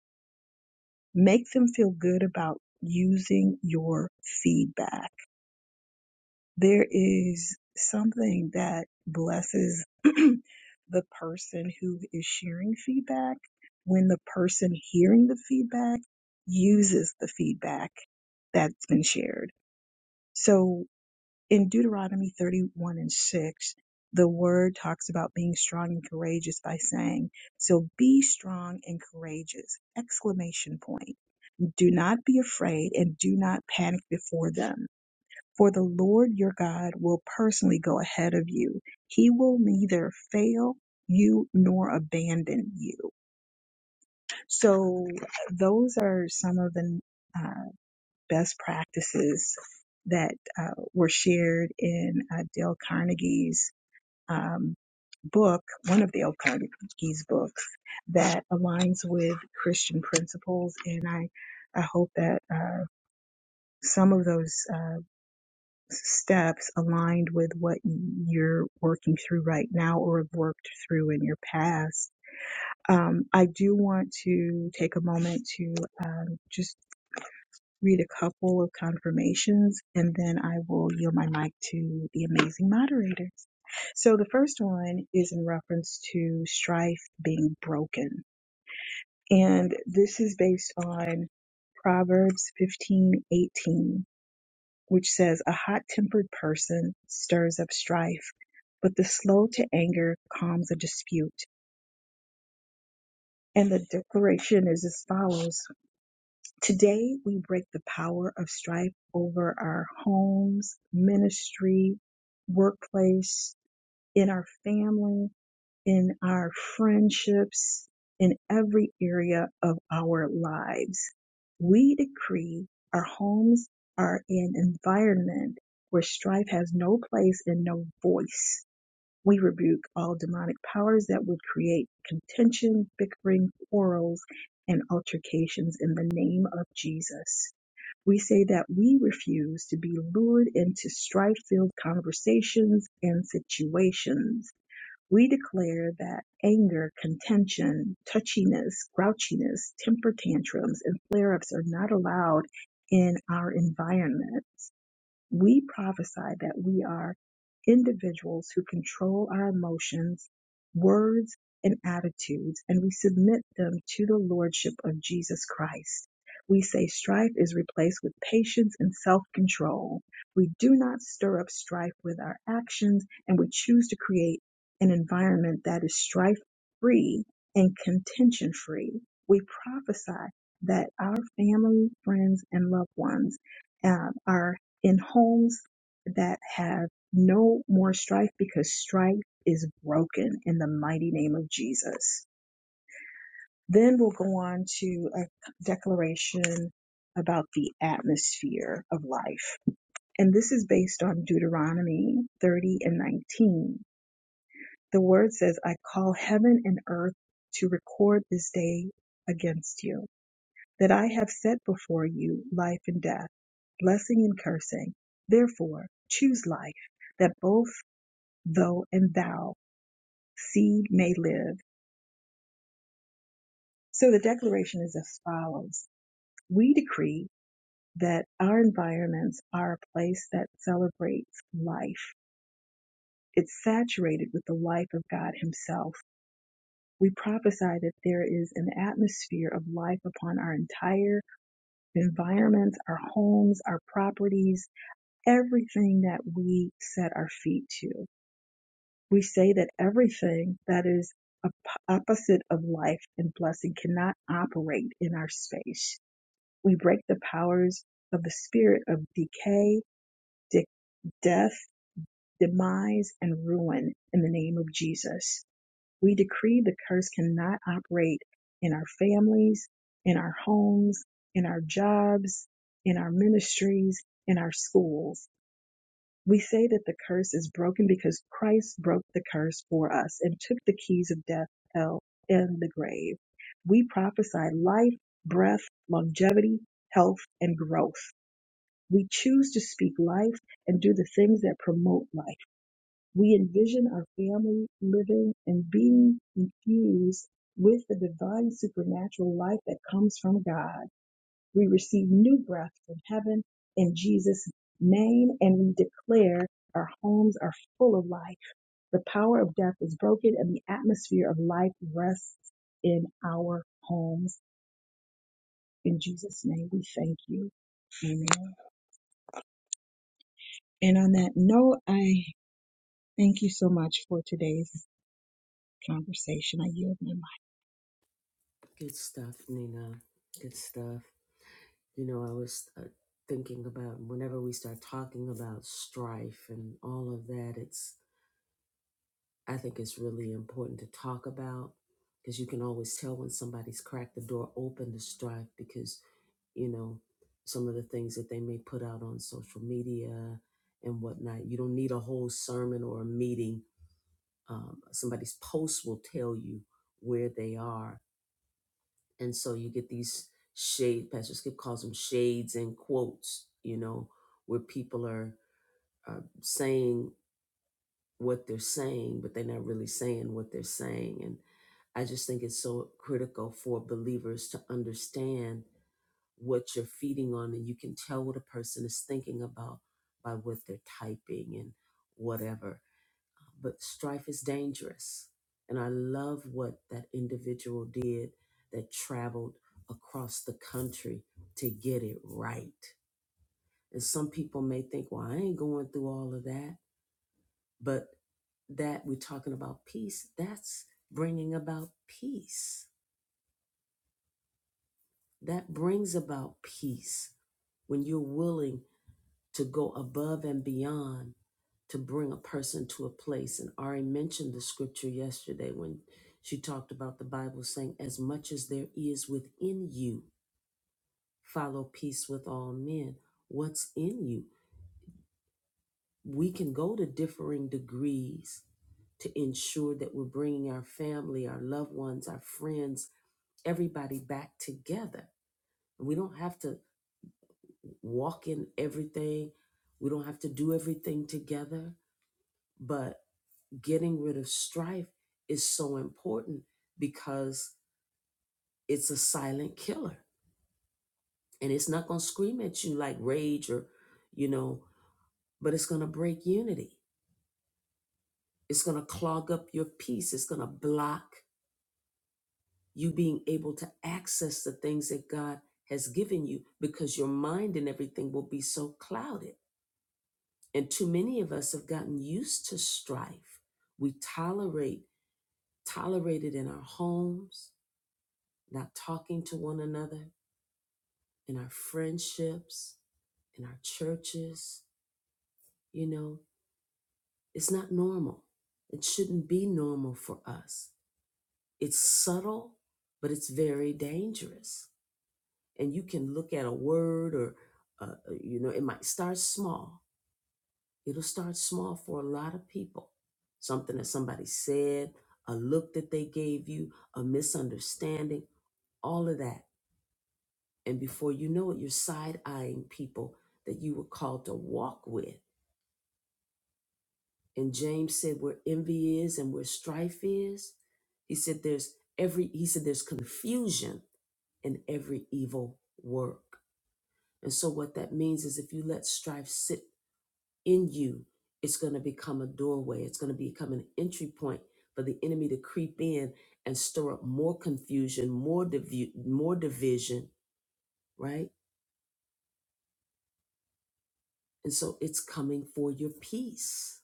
D: Make them feel good about using your feedback. There is something that blesses the person who is sharing feedback when the person hearing the feedback uses the feedback that's been shared. So in Deuteronomy 31 and 6, the word talks about being strong and courageous by saying, so be strong and courageous, exclamation point. Do not be afraid and do not panic before them. For the Lord your God will personally go ahead of you. He will neither fail you nor abandon you. So, those are some of the uh, best practices that uh, were shared in uh, Dale Carnegie's um, book, one of Dale Carnegie's books, that aligns with Christian principles. And I, I hope that. Uh, some of those uh, steps aligned with what you're working through right now or have worked through in your past. Um, I do want to take a moment to um, just read a couple of confirmations and then I will yield my mic to the amazing moderators. So the first one is in reference to strife being broken. And this is based on Proverbs fifteen eighteen. which says, A hot tempered person stirs up strife, but the slow to anger calms a dispute. And the declaration is as follows Today we break the power of strife over our homes, ministry, workplace, in our family. in our friendships, in every area of our lives. We decree our homes are an environment where strife has no place and no voice. We rebuke all demonic powers that would create contention, bickering, quarrels, and altercations in the name of Jesus. We say that we refuse to be lured into strife filled conversations and situations we declare that anger, contention, touchiness, grouchiness, temper tantrums, and flare ups are not allowed in our environment we prophesy that we are individuals who control our emotions, words, and attitudes, and we submit them to the Lordship of Jesus Christ. We say strife is replaced with patience and self control. We do not stir up strife with our actions, and we choose to create an environment that is strife free and contention free. We prophesy that our family, friends, and loved ones uh, are in homes that have no more strife because strife is broken in the mighty name of Jesus. Then we'll go on to a declaration about the atmosphere of life. And this is based on Deuteronomy 30 and 19. The word says, I call heaven and earth to record this day against you, that I have set before you life and death blessing and cursing. Therefore, choose life, that both thou and thou seed may live. So the declaration is as follows. We decree that our environments are a place that celebrates life. It's saturated with the life of God Himself. We prophesy that there is an atmosphere of life upon our entire environments, our homes, our properties, everything that we set our feet to. we say that everything that is op- opposite of life and blessing cannot operate in our space. We break the powers of the spirit of decay, de- death, demise, and ruin in the name of Jesus. We decree the curse cannot operate in our families, in our homes, in our jobs, in our ministries, in our schools we say that the curse is broken because Christ broke the curse for us and took the keys of death, hell, and the grave. We prophesy life, breath, longevity, health, and growth. We choose to speak life and do the things that promote life. We envision our family living and being infused with the divine supernatural life that comes from God. We receive new breath from heaven in Jesus' name, and we declare our homes are full of life. The power of death is broken, and the atmosphere of life rests in our homes. In Jesus' name, we thank you. Amen. And on that note, I thank you so much for today's conversation. I yield my mic.
A: Good stuff, Nina. Good stuff. You know, I was uh, thinking about whenever we start talking about strife and all of that. I think it's really important to talk about because you can always tell when somebody's cracked the door open to strife because, you know, some of the things that they may put out on social media and whatnot. You don't need a whole sermon or a meeting. Um, somebody's post will tell you where they are. And so you get these shade, Pastor Skip calls them shades and quotes, you know, where people are, are saying what they're saying, but they're not really saying what they're saying. And I just think it's so critical for believers to understand what you're feeding on, and you can tell what a person is thinking about by what they're typing and whatever. But strife is dangerous. And I love what that individual did that traveled across the country to get it right. And some people may think, well, I ain't going through all of that. But that we're talking about peace, that's bringing about peace. That brings about peace when you're willing to go above and beyond to bring a person to a place. And Ari mentioned the scripture yesterday when she talked about the Bible saying, As much as there is within you, follow peace with all men. What's in you? We can go to differing degrees to ensure that we're bringing our family, our loved ones, our friends everybody back together. We don't have to walk in everything, we don't have to do everything together, but getting rid of strife is so important because it's a silent killer and it's not going to scream at you like rage or, you know, but it's going to break unity. It's going to clog up your peace. It's going to block you being able to access the things that God has given you because your mind and everything will be so clouded And too many of us have gotten used to strife. We tolerate, tolerate it in our homes, not talking to one another, in our friendships, in our churches. You know, it's not normal. It shouldn't be normal for us. It's subtle, but it's very dangerous. And you can look at a word or, uh, uh, you know, it might start small It'll start small for a lot of people. Something that somebody said, a look that they gave you, a misunderstanding, all of that. And before you know it, you're side eyeing people that you were called to walk with. And James said, where envy is and where strife is, he said, there's every, he said, there's confusion in every evil work. And so what that means is if you let strife sit in you, it's going to become a doorway. It's going to become an entry point for the enemy to creep in and stir up more confusion, more div- more division, right? And so it's coming for your peace.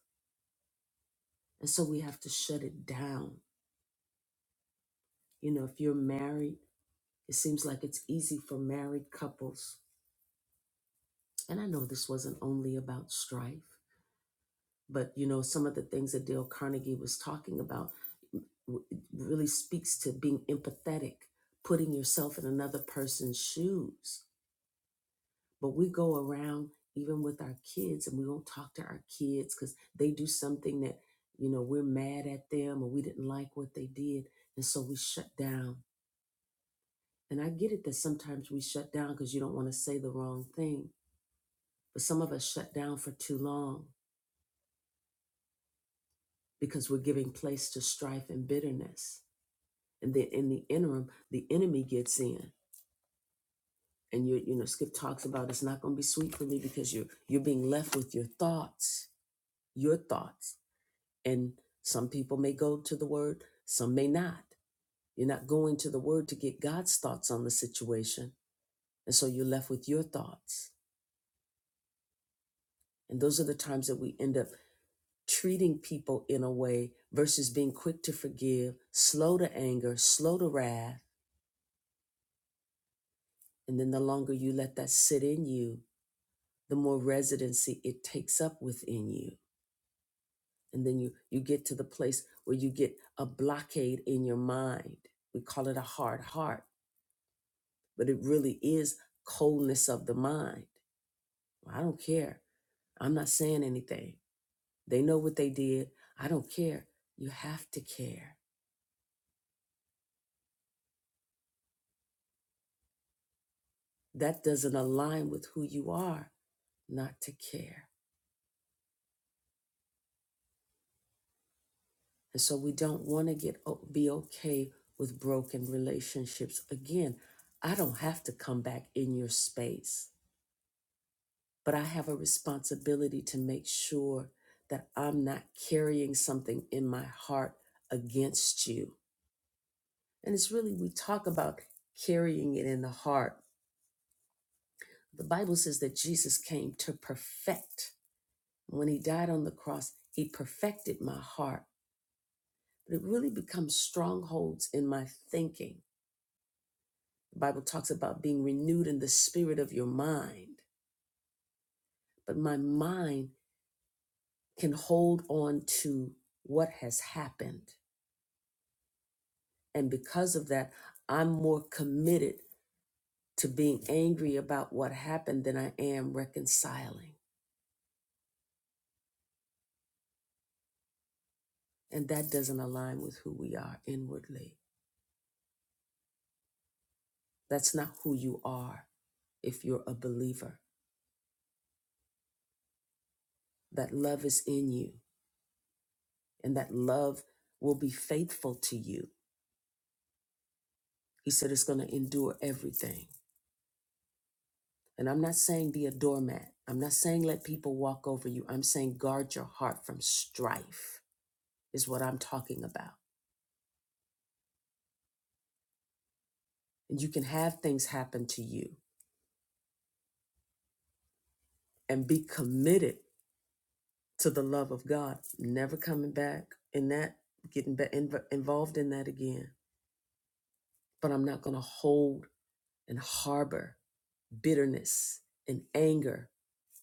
A: And so we have to shut it down. You know, if you're married, it seems like it's easy for married couples. And I know this wasn't only about strife, but you know, some of the things that Dale Carnegie was talking about w- really speaks to being empathetic, putting yourself in another person's shoes. But we go around even with our kids and we won't talk to our kids because they do something that, you know, we're mad at them or we didn't like what they did. And so we shut down. And I get it that sometimes we shut down because you don't want to say the wrong thing. But some of us shut down for too long because we're giving place to strife and bitterness. And then in the interim, the enemy gets in and you you know skip talks about it's not going to be sweet for me because you're you're being left with your thoughts your thoughts and some people may go to the word some may not you're not going to the word to get god's thoughts on the situation and so you're left with your thoughts and those are the times that we end up treating people in a way versus being quick to forgive slow to anger slow to wrath and then the longer you let that sit in you the more residency it takes up within you and then you you get to the place where you get a blockade in your mind we call it a hard heart but it really is coldness of the mind Well, i don't care i'm not saying anything they know what they did i don't care you have to care that doesn't align with who you are not to care and so we don't want to get o- be okay with broken relationships again i don't have to come back in your space but I have a responsibility to make sure that I'm not carrying something in my heart against you. And it's really, we talk about carrying it in the heart. The Bible says that Jesus came to perfect. When he died on the cross, he perfected my heart. But it really becomes strongholds in my thinking. The Bible talks about being renewed in the spirit of your mind, but my mind can hold on to what has happened And because of that, I'm more committed to being angry about what happened than I am reconciling. And that doesn't align with who we are inwardly. That's not who you are if you're a believer. That love is in you, and that love will be faithful to you. He said it's going to endure everything. And I'm not saying be a doormat. I'm not saying let people walk over you. I'm saying guard your heart from strife, is what I'm talking about. And you can have things happen to you. and be committed to the love of God, never coming back in that, getting back inv- involved in that again. But I'm not going to hold and harbor bitterness and anger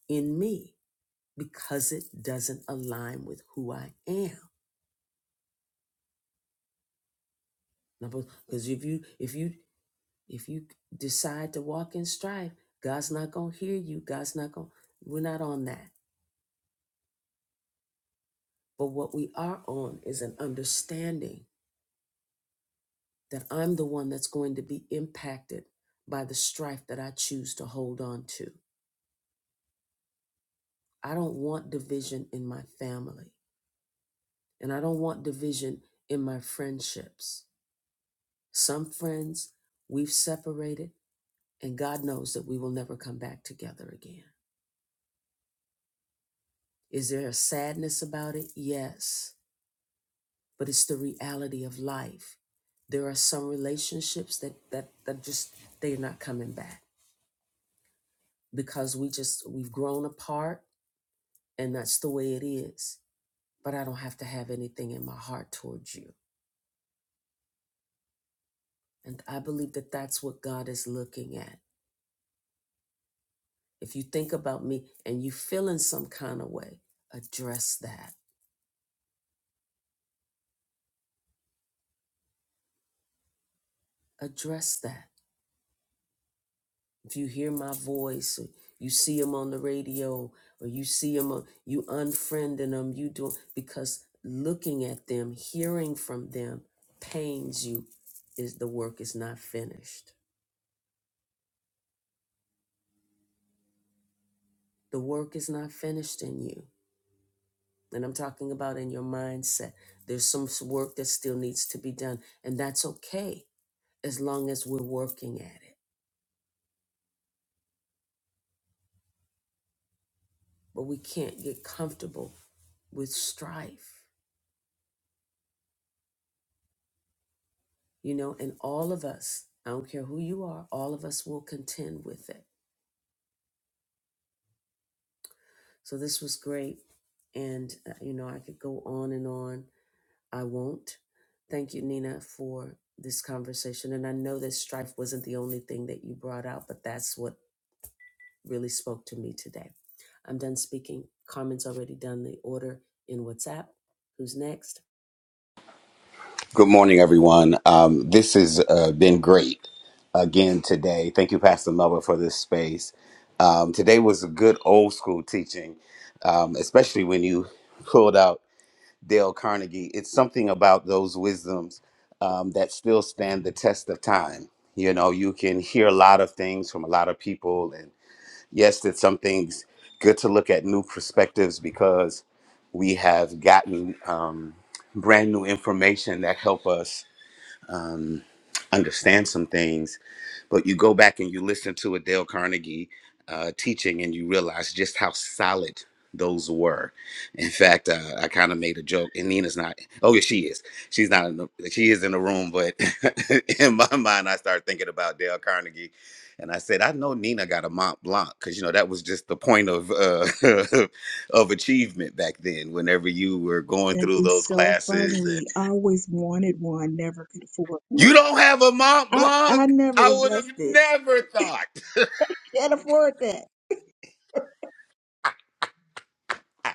A: in me because it doesn't align with who I am. Because if you if you if you decide to walk in strife, God's not going to hear you. God's not going. We're not on that. But what we are on is an understanding that I'm the one that's going to be impacted by the strife that I choose to hold on to. I don't want division in my family, and I don't want division in my friendships. Some friends we've separated, and God knows that we will never come back together again. Is there a sadness about it? Yes, but it's the reality of life. There are some relationships that that that just they're not coming back because we just we've grown apart and that's the way it is. But I don't have to have anything in my heart towards you. And I believe that that's what God is looking at. If you think about me and you feel in some kind of way, address that. Address that. If you hear my voice, or you see him on the radio, or you see him, on, you unfriending them, you do because looking at them, hearing from them, pains you. Is the work is not finished? The work is not finished in you And I'm talking about in your mindset. There's some s- work that still needs to be done. And that's okay as long as we're working at it. But we can't get comfortable with strife, you know, and all of us, I don't care who you are, all of us will contend with it. So this was great. And, uh, you know, I could go on and on. I won't. Thank you, Nina, for this conversation. And I know that strife wasn't the only thing that you brought out, but that's what really spoke to me today. I'm done speaking. Carmen's already done the order in WhatsApp. Who's next?
E: Good morning, everyone. Um, this has uh, been great again today. Thank you, Pastor Melba, for this space. Um, today was a good old school teaching, um, especially when you pulled out Dale Carnegie. It's something about those wisdoms um, that still stand the test of time. You know, you can hear a lot of things from a lot of people, and yes, that some things good to look at new perspectives because we have gotten um, brand new information that help us understand some things, but you go back and you listen to a Dale Carnegie uh, teaching and you realize just how solid those were. In fact, uh, I kind of made a joke, and Nina's not. Oh, yeah, she is. She's not. In the, she is in the room, but in my mind, I started thinking about Dale Carnegie. And I said, I know Nina got a Mont Blanc because you know that was just the point of uh, of achievement back then. Whenever you were going
D: That
E: through
D: is
E: those
D: so
E: classes
D: funny. I always wanted one, never could afford
E: you
D: one.
E: don't have a Mont
D: I,
E: Blanc?
D: I never
E: I would have
D: invested.
E: never thought.
D: Can't afford that.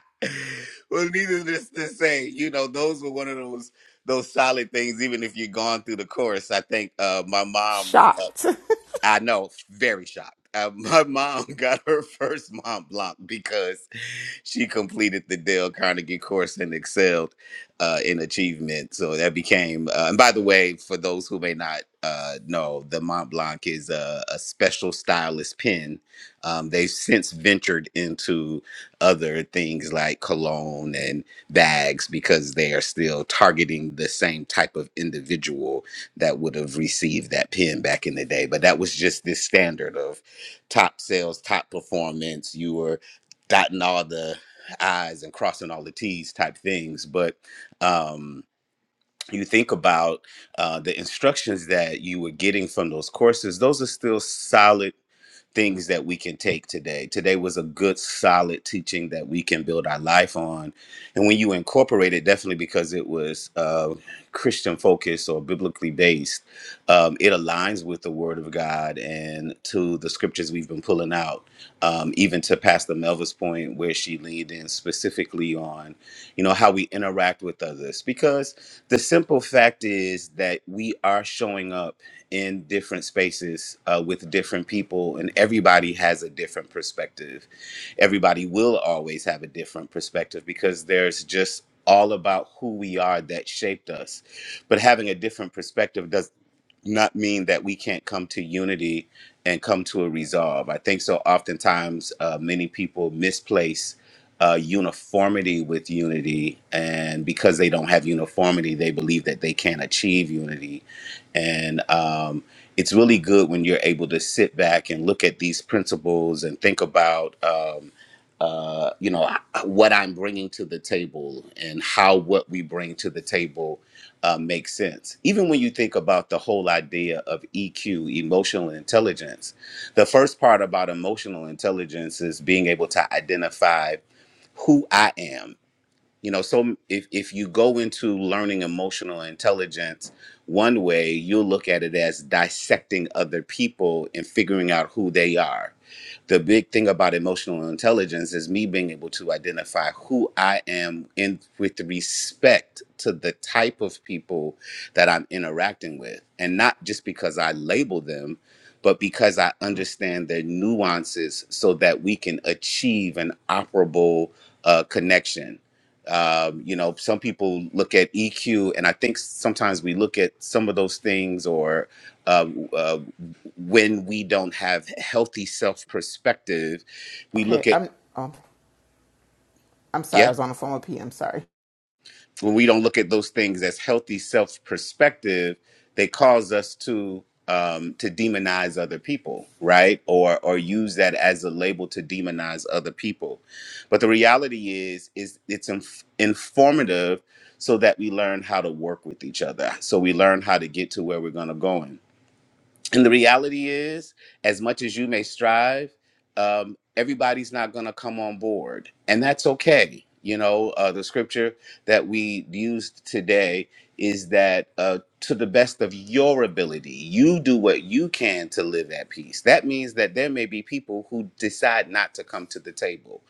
E: well, needless to say, you know, those were one of those those solid things. Even if you have gone through the course, I think uh, my mom's. Uh,
B: Shocked.
E: I know, very shocked. Uh, my mom got her first Mont Blanc because she completed the Dale Carnegie course and excelled uh, in achievement. So that became, uh, and by the way, for those who may not uh, know, the Mont Blanc is a, a special stylus pen. Um, they've since ventured into other things like cologne and bags because they are still targeting the same type of individual that would have received that pen back in the day. But that was just this standard of top sales, top performance. You were dotting all the i's and crossing all the t's type things but um you think about uh, the instructions that you were getting from those courses those are still solid things that we can take today. Today was a good, solid teaching that we can build our life on. And when you incorporate it, definitely because it was uh, Christian focused or biblically based, um, it aligns with the Word of God and to the scriptures we've been pulling out. Um, even to Pastor Melva's point, where she leaned in specifically on you know, how we interact with others. Because the simple fact is that we are showing up in different spaces uh, with different people, and everybody has a different perspective. Everybody will always have a different perspective because there's just all about who we are that shaped us. But having a different perspective does not mean that we can't come to unity and come to a resolve. I think so oftentimes uh, many people misplace uh, uniformity with unity, and because they don't have uniformity, they believe that they can't achieve unity. And um, it's really good when you're able to sit back and look at these principles and think about, um, uh, you know, what I'm bringing to the table and how what we bring to the table uh, makes sense. Even when you think about the whole idea of EQ, emotional intelligence, the first part about emotional intelligence is being able to identify who I am. You know, so if, if you go into learning emotional intelligence one way, you'll look at it as dissecting other people and figuring out who they are the big thing about emotional intelligence is me being able to identify who I am in with respect to the type of people that I'm interacting with and not just because I label them but because I understand their nuances so that we can achieve an operable uh, connection. Um, you know, some people look at EQ, and I think sometimes we look at some of those things or uh, uh, when we don't have healthy self perspective, we look
B: Okay,
E: at,
B: I'm oh, I'm sorry. I
E: yeah,
B: was on the phone with P. I'm sorry.
E: when we don't look at those things as healthy self perspective, they cause us to um to demonize other people right or or use that as a label to demonize other people but the reality is is it's inf- informative so that we learn how to work with each other so we learn how to get to where we're going to go And the reality is, as much as you may strive, um, everybody's not going to come on board, and that's okay. You know, uh, the scripture that we used today is that uh, to the best of your ability, you do what you can to live at peace. That means that there may be people who decide not to come to the table,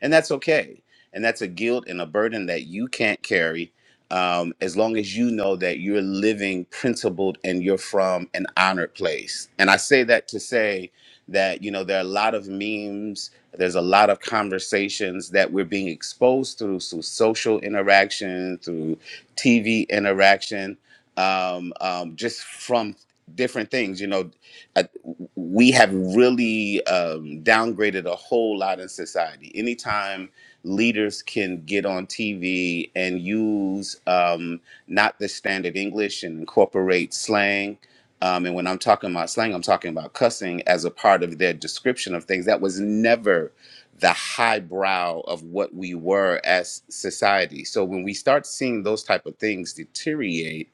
E: and that's okay. And that's a guilt and a burden that you can't carry um, as long as you know that you're living principled and you're from an honored place. And I say that to say that, you know, there are a lot of memes, there's a lot of conversations that we're being exposed through, through social interaction, through TV interaction, um, um, just from different things. You know, uh, we have really um, downgraded a whole lot in society. Anytime leaders can get on TV and use um, not the standard English and incorporate slang. Um, and when I'm talking about slang, I'm talking about cussing as a part of their description of things. That was never the highbrow of what we were as society. So when we start seeing those type of things deteriorate,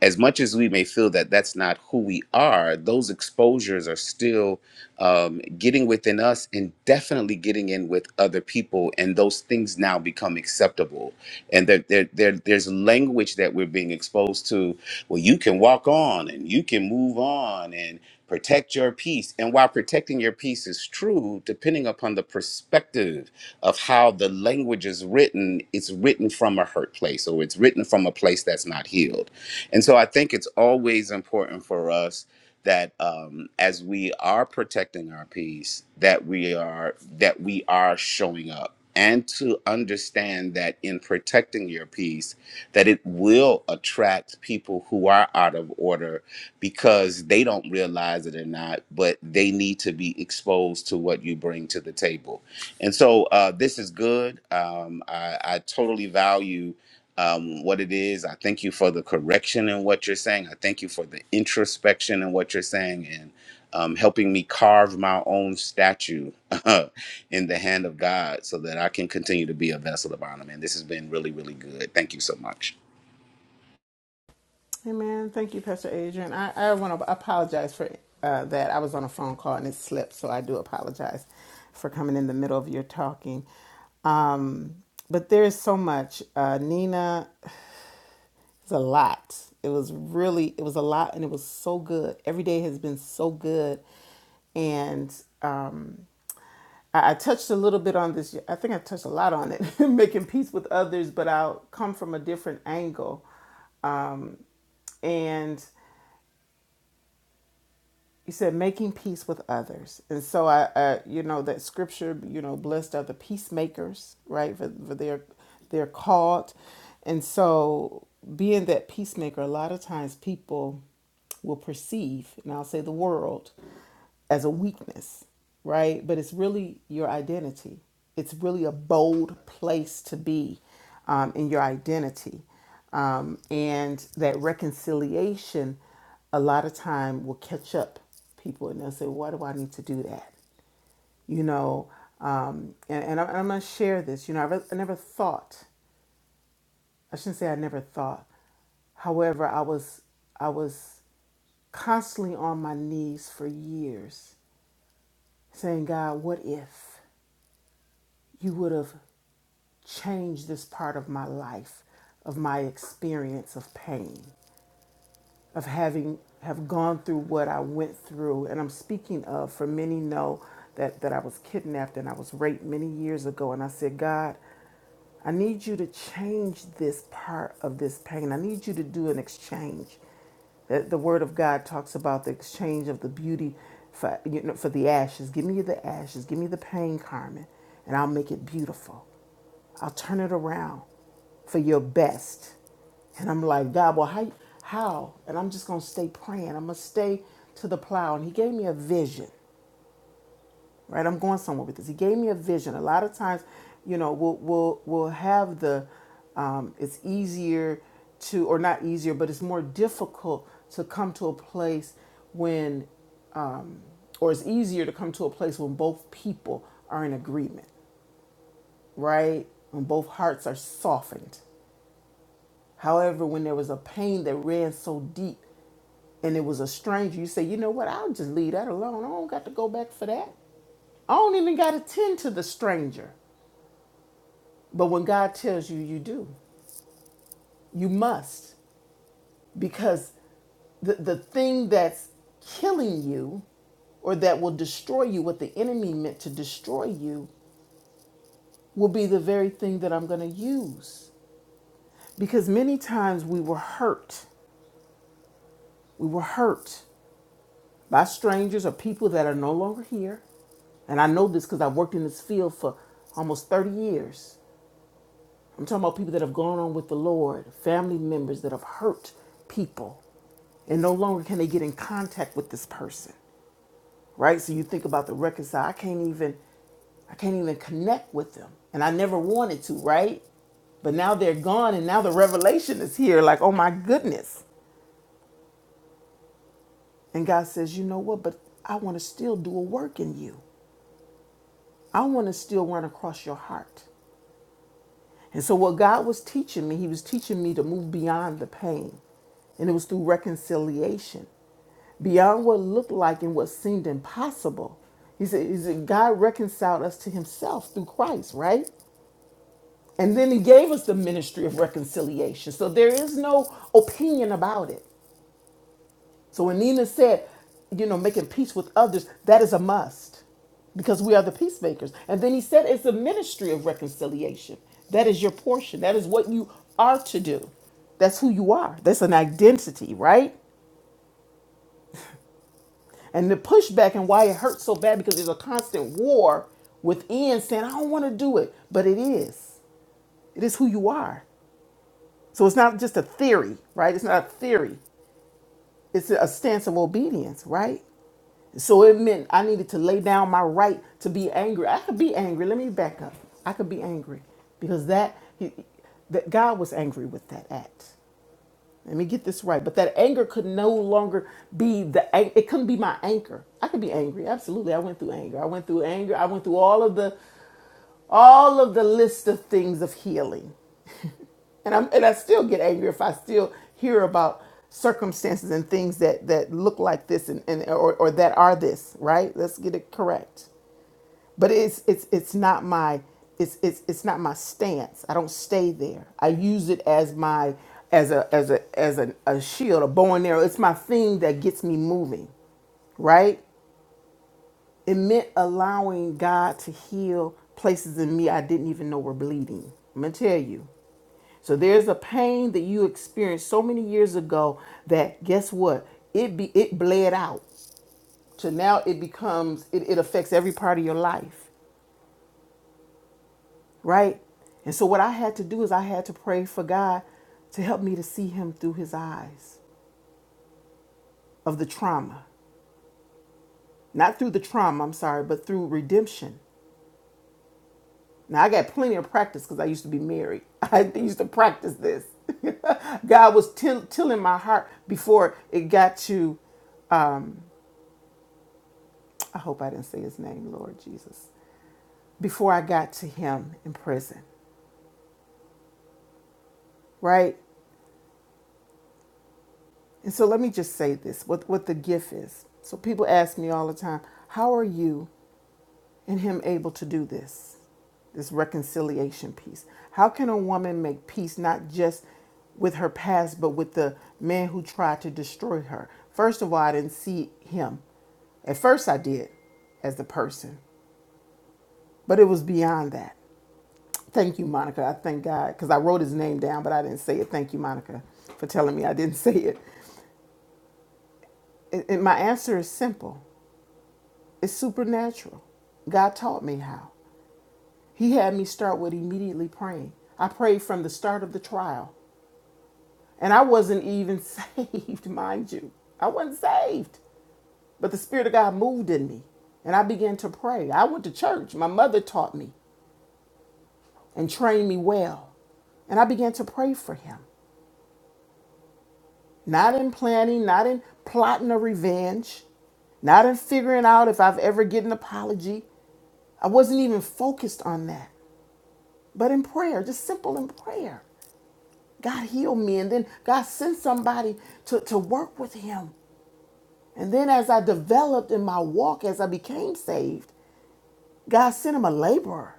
E: as much as we may feel that that's not who we are, those exposures are still um, getting within us and definitely getting in with other people. And those things now become acceptable. And there, there, there, there's language that we're being exposed to. Well, you can walk on and you can move on and protect your peace. And while protecting your peace is true, depending upon the perspective of how the language is written, it's written from a hurt place or it's written from a place that's not healed and so I think it's always important for us that um, as we are protecting our peace, that we are that we are showing up and to understand that in protecting your peace that it will attract people who are out of order because they don't realize it or not, but they need to be exposed to what you bring to the table. And so uh, this is good. Um, I, I totally value um, what it is. I thank you for the correction in what you're saying. I thank you for the introspection in what you're saying and um, helping me carve my own statue in the hand of God so that I can continue to be a vessel of honor. Man, this has been really, really good. Thank you so much.
B: Hey man, thank you, Pastor Adrian. I, I want to apologize for uh, that. I was on a phone call and it slipped, so I do apologize for coming in the middle of your talking. Um, but there is so much. Uh, Nina, it's a lot. It was really, it was a lot, and it was so good. Every day has been so good, and um, I, I touched a little bit on this. I think I touched a lot on it, making peace with others, but I'll come from a different angle. Um, And you said making peace with others and so i uh, you know that scripture you know blessed are the peacemakers right for, for their they're called and so being that peacemaker a lot of times people will perceive and i'll say the world as a weakness right but it's really your identity it's really a bold place to be um, in your identity um, and that reconciliation a lot of time will catch up people and they'll say, why do I need to do that? You know, um, and, and I'm, I'm going to share this. You know, I, re- I never thought, I shouldn't say I never thought. However, I was, I was constantly on my knees for years saying, God, what if you would have changed this part of my life, of my experience of pain? of having have gone through what I went through, and I'm speaking of for many know that that I was kidnapped and I was raped many years ago, and I said, God, I need you to change this part of this pain. I need you to do an exchange. The, the Word of God talks about the exchange of the beauty for you know for the ashes. Give me the ashes. Give me the pain, Carmen, and I'll make it beautiful. I'll turn it around for your best. And I'm like, God, well, how? how? And I'm just going to stay praying. I'm going to stay to the plow. And he gave me a vision, right? I'm going somewhere with this. He gave me a vision. A lot of times, you know, we'll, we'll, we'll have the, um, it's easier to, or not easier, but it's more difficult to come to a place when, um, or it's easier to come to a place when both people are in agreement, right? When both hearts are softened However, when there was a pain that ran so deep and it was a stranger, you say, you know what, I'll just leave that alone. I don't got to go back for that. I don't even got to tend to the stranger. But when God tells you, you do. You must. Because the, the thing that's killing you or that will destroy you, what the enemy meant to destroy you, will be the very thing that I'm going to use. Because many times we were hurt. We were hurt by strangers or people that are no longer here. And I know this because I've worked in this field for almost 30 years. I'm talking about people that have gone on with the Lord, family members that have hurt people, and no longer can they get in contact with this person, right? So you think about the reconcile. I can't even, I can't even connect with them, and I never wanted to, right? But now they're gone, and now the revelation is here. Like, oh my goodness! And God says, you know what? But I want to still do a work in you. I want to still run across your heart. And so, what God was teaching me, He was teaching me to move beyond the pain. And it was through reconciliation, beyond what looked like and what seemed impossible. He said, he said, God reconciled us to Himself through Christ, right? And then He gave us the ministry of reconciliation. So, there is no opinion about it. So when Nina said, you know, making peace with others, that is a must because we are the peacemakers. And then he said it's a ministry of reconciliation. That is your portion. That is what you are to do. That's who you are. That's an identity, right? And the pushback and why it hurts so bad because there's a constant war within saying, I don't want to do it. But it is. It is who you are. So it's not just a theory, right? It's not a theory. It's a stance of obedience, right? So it meant I needed to lay down my right to be angry. I could be angry. Let me back up. I could be angry because that he, that God was angry with that act. Let me get this right. But that anger could no longer be the an- it couldn't be my anchor. I could be angry. Absolutely. I went through anger. I went through anger. I went through all of the all of the list of things of healing and I'm and I still get angry if I still hear about circumstances and things that that look like this and, and or, or that are this right let's get it correct but it's it's it's not my it's it's it's not my stance i don't stay there i use it as my as a as a as a, a shield a bow and arrow it's my thing that gets me moving right it meant allowing god to heal places in me i didn't even know were bleeding i'm gonna tell you so there's a pain that you experienced so many years ago that guess what? It be it bled out. So now it becomes it, it affects every part of your life, right? And so what I had to do is I had to pray for God to help me to see him through his eyes of the trauma. Not through the trauma, I'm sorry, but through redemption. Now I got plenty of practice because I used to be married. I used to practice this. God was till- tilling my heart before it got to I hope I didn't say his name, Lord Jesus, before I got to him in prison, right? And so let me just say this what, what the gift is. So people ask me all the time, how are you and him able to do this? This reconciliation piece. How can a woman make peace not just with her past, but with the man who tried to destroy her? First of all, I didn't see him. At first, I did as the person, but it was beyond that. Thank you, Monica. I thank God because I wrote his name down, but I didn't say it. Thank you, Monica, for telling me I didn't say it. And and my answer is simple it's supernatural. God taught me how. He had me start with immediately praying. I prayed from the start of the trial, and I wasn't even saved, mind you. I wasn't saved, but the Spirit of God moved in me, and I began to pray. I went to church. My mother taught me and trained me well, and I began to pray for him. Not in planning, not in plotting a revenge, not in figuring out if I've ever get an apology. I wasn't even focused on that. But in prayer, just simple in prayer. God healed me and then God sent somebody to, to work with him. And then as I developed in my walk, as I became saved, God sent him a laborer.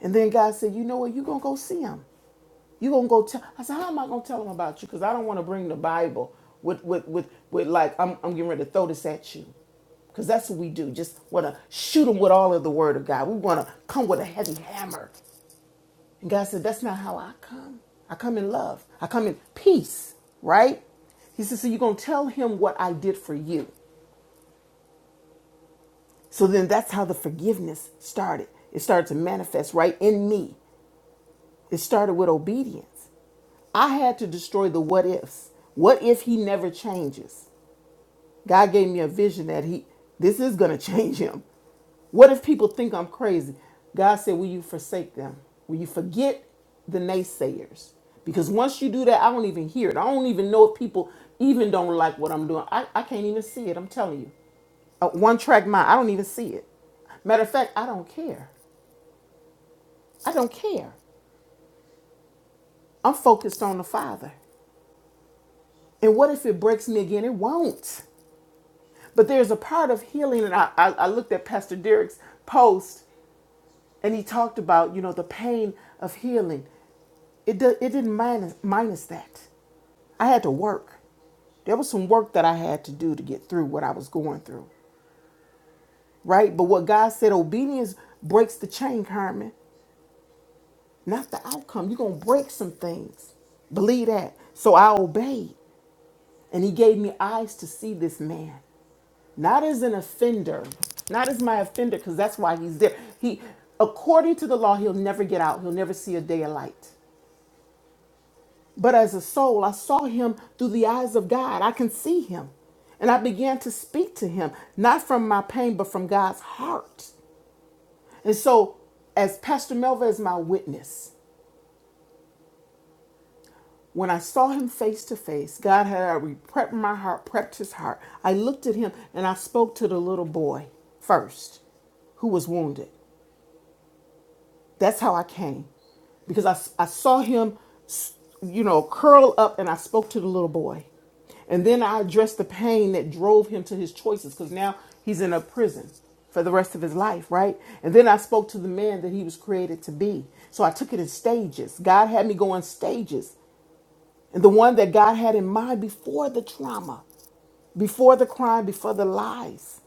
B: And then God said, you know what, you're gonna go see him. You gonna go tell? I said, how am I gonna tell them about you? Because I don't want to bring the Bible with with with with like I'm I'm getting ready to throw this at you, because that's what we do. Just want to shoot them with all of the Word of God. We want to come with a heavy hammer. And God said, that's not how I come. I come in love. I come in peace. Right? He said, so you're gonna tell him what I did for you. So then that's how the forgiveness started. It started to manifest right in me. It started with obedience. I had to destroy the what ifs. What if he never changes? God gave me a vision that he this is going to change him. What if people think I'm crazy? God said, "Will you forsake them? Will you forget the naysayers?" Because once you do that, I don't even hear it. I don't even know if people even don't like what I'm doing. I, I can't even see it. I'm telling you. A one track mind. I don't even see it. Matter of fact, I don't care. I don't care. I'm focused on the Father. And what if it breaks me again? It won't. But there's a part of healing, and I, I, I looked at Pastor Derek's post, and he talked about you know the pain of healing. It do, it didn't minus minus that. I had to work. There was some work that I had to do to get through what I was going through, right? But what God said, obedience breaks the chain, Carmen, not the outcome. You're gonna break some things. Believe that. So I obeyed, and He gave me eyes to see this man. not as an offender, not as my offender, because that's why he's there. He, according to the law, he'll never get out. He'll never see a day of light. But as a soul, I saw him through the eyes of God. I can see him. And I began to speak to him, not from my pain, but from God's heart. And so, as Pastor Melva is my witness, when I saw him face to face, God had already prepped my heart, prepped his heart. I looked at him and I spoke to the little boy first who was wounded. That's how I came because I I saw him, you know, curl up and I spoke to the little boy. And then I addressed the pain that drove him to his choices because now he's in a prison for the rest of his life, right? And then I spoke to the man that he was created to be. So I took it in stages. God had me go in stages. And the one that God had in mind before the trauma, before the crime, before the lies,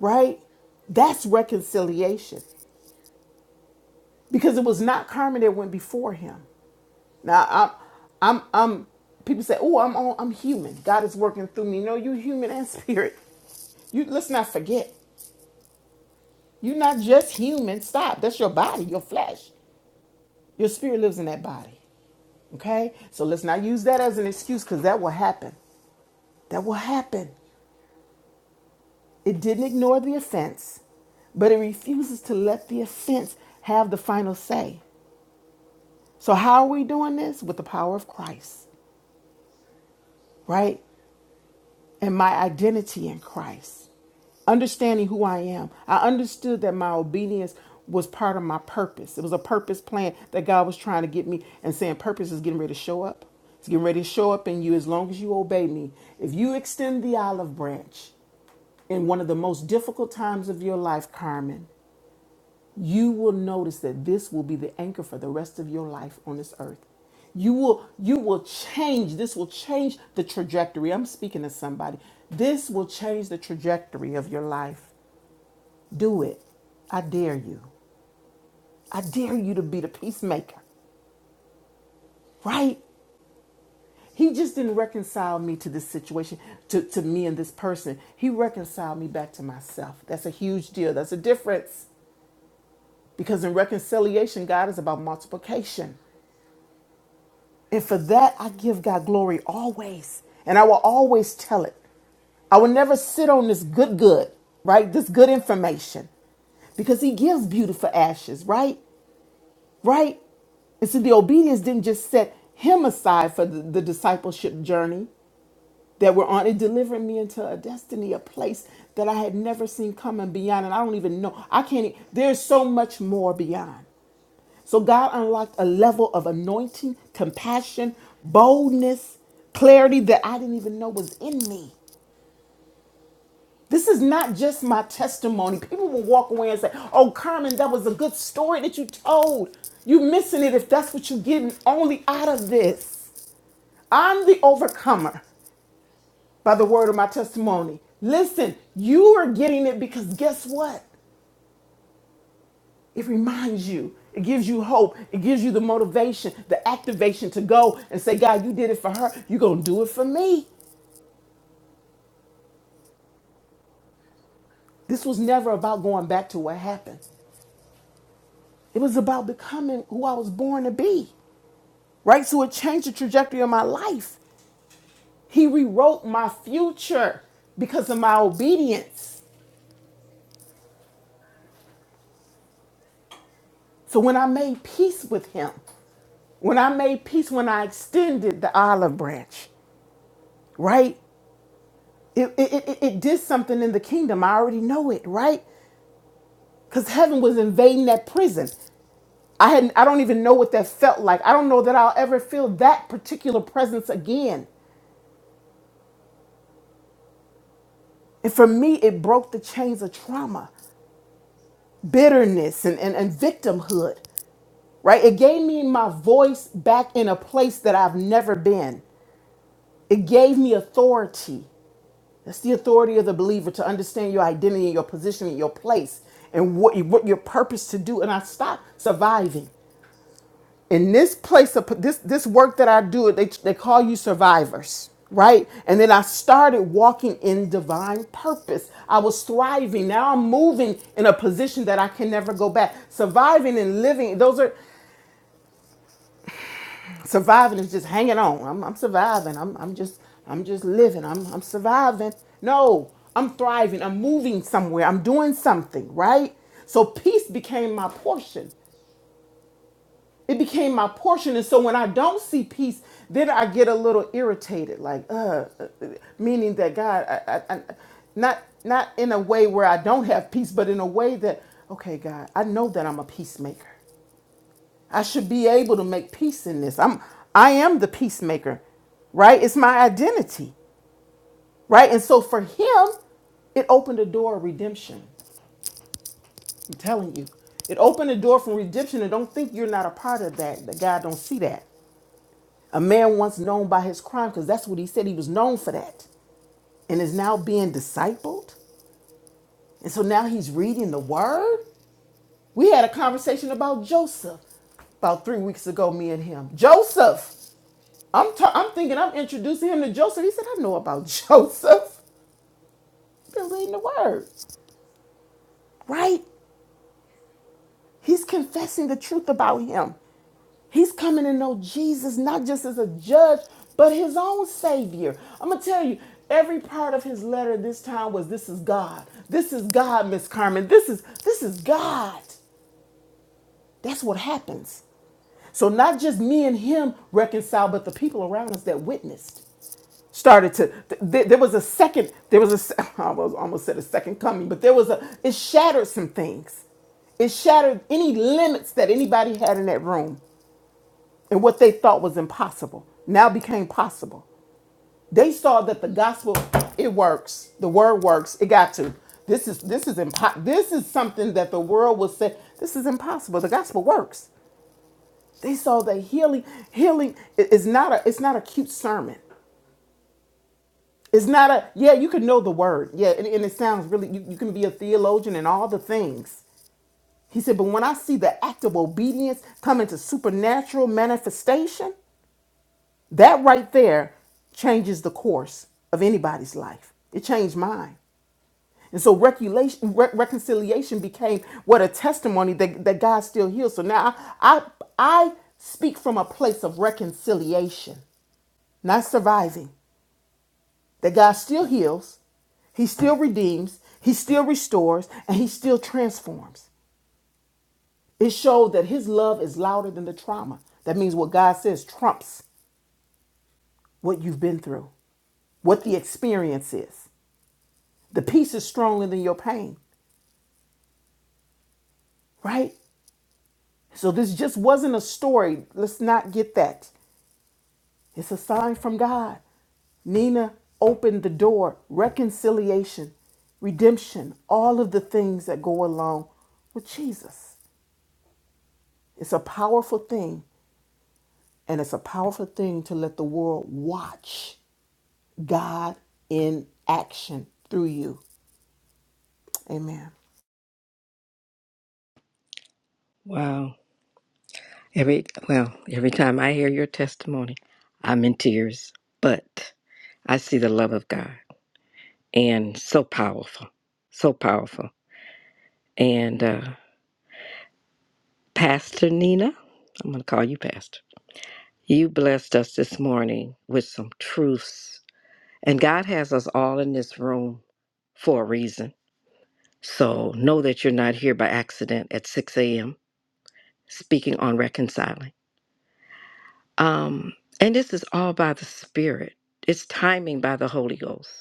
B: right? That's reconciliation because it was not Carmen that went before him. Now I'm I'm I'm people say, "Oh, I'm all I'm human. God is working through me." No, you are human and spirit. You let's not forget. You're not just human. Stop. That's your body, your flesh. Your spirit lives in that body. Okay? So let's not use that as an excuse cuz that will happen. That will happen. It didn't ignore the offense, but it refuses to let the offense have the final say. So how are we doing this with the power of Christ? Right? and my identity in Christ, understanding who I am. I understood that my obedience was part of my purpose. It was a purpose plan that God was trying to get me and saying purpose is getting ready to show up. It's getting ready to show up in you as long as you obey me. If you extend the olive branch in one of the most difficult times of your life, Carmen, you will notice that this will be the anchor for the rest of your life on this earth you will you will change this will change the trajectory i'm speaking to somebody this will change the trajectory of your life do it i dare you i dare you to be the peacemaker right he just didn't reconcile me to this situation to, to me and this person he reconciled me back to myself that's a huge deal that's a difference because in reconciliation god is about multiplication And for that, I give God glory always. And I will always tell it. I will never sit on this good, good, right? This good information because He gives beauty for ashes, right? Right? And so the obedience didn't just set Him aside for the, the discipleship journey that we're on. It delivered me into a destiny, a place that I had never seen coming beyond. And I don't even know. I can't, e- there's so much more beyond. So God unlocked a level of anointing, compassion, boldness, clarity that I didn't even know was in me. This is not just my testimony. People will walk away and say, Oh, Carmen, that was a good story that you told. You're missing it if that's what you're getting only out of this. I'm the overcomer by the word of my testimony. Listen, you are getting it because guess what? It reminds you, it gives you hope, it gives you the motivation, the activation to go and say, God, you did it for her, you're going to do it for me. This was never about going back to what happened, it was about becoming who I was born to be, right? So it changed the trajectory of my life. He rewrote my future because of my obedience. So when I made peace with him, when I made peace, when I extended the olive branch, right? It, it, it, it did something in the kingdom. I already know it, right? Because heaven was invading that prison. I hadn't, I don't even know what that felt like. I don't know that I'll ever feel that particular presence again. And for me, it broke the chains of trauma, bitterness, and, and, and victimhood, right? It gave me my voice back in a place that I've never been. It gave me authority. That's the authority of the believer to understand your identity and your position and your place and what, what your purpose to do. And I stop surviving. In this place of this this work that I do, they they call you survivors, right? And then I started walking in divine purpose. I was thriving. Now I'm moving in a position that I can never go back. Surviving and living, those are surviving is just hanging on. I'm, I'm surviving. I'm, I'm just I'm just living. I'm I'm surviving. No, I'm thriving. I'm moving somewhere. I'm doing something, right? So peace became my portion. It became my portion. And so when I don't see peace, then I get a little irritated, like, uh, uh, meaning that God, I, I, I, not not in a way where I don't have peace, but in a way that, okay, God, I know that I'm a peacemaker. I should be able to make peace in this. I'm I am the peacemaker, right? It's my identity, right? And so for him, it opened a door of redemption. I'm telling you. It opened a door for redemption and don't think you're not a part of that. That God don't see that. A man once known by his crime because that's what he said he was known for that and is now being discipled. And so now he's reading the word. We had a conversation about Joseph about three weeks ago, me and him. Joseph. I'm t- I'm thinking I'm introducing him to Joseph. He said, I know about Joseph. Been reading the word. Right? He's confessing the truth about him. He's coming to know Jesus, not just as a judge, but his own savior. I'm gonna tell you, every part of his letter this time was this is God. This is God, Miss Carmen. This is this is God. That's what happens. So not just me and him reconciled, but the people around us that witnessed. started to th- there was a second there was a se- I was almost said a second coming but there was a it shattered some things it shattered any limits that anybody had in that room and what they thought was impossible now became possible they saw that the gospel it works the word works it got to this is this is impo- this is something that the world will say this is impossible the gospel works they saw that healing healing i- is not a it's not a cute sermon It's not a yeah, you can know the word. Yeah, and, and it sounds really you, you can be a theologian and all the things. He said, but when I see the act of obedience come into supernatural manifestation, that right there changes the course of anybody's life. It changed mine. And so reculation, re- reconciliation became what a testimony that, that God still heals. So now I, I I speak from a place of reconciliation, not surviving. that God still heals, He still redeems, He still restores, and He still transforms. It showed that His love is louder than the trauma. That means what God says trumps what you've been through, what the experience is. The peace is stronger than your pain, right? So this just wasn't a story. Let's not get that. It's a sign from God. Nina opened the door, reconciliation, redemption, all of the things that go along with Jesus. It's a powerful thing, and it's a powerful thing to let the world watch God in action through you. Amen.
F: Wow. Every well, every time I hear your testimony, I'm in tears, but I see the love of God and so powerful. So powerful. And uh Pastor Nina, I'm going to call you Pastor. You blessed us this morning with some truths. And God has us all in this room for a reason. So know that you're not here by accident at 6 a.m. speaking on reconciling. Um, and this is all by the Spirit. It's timing by the Holy Ghost.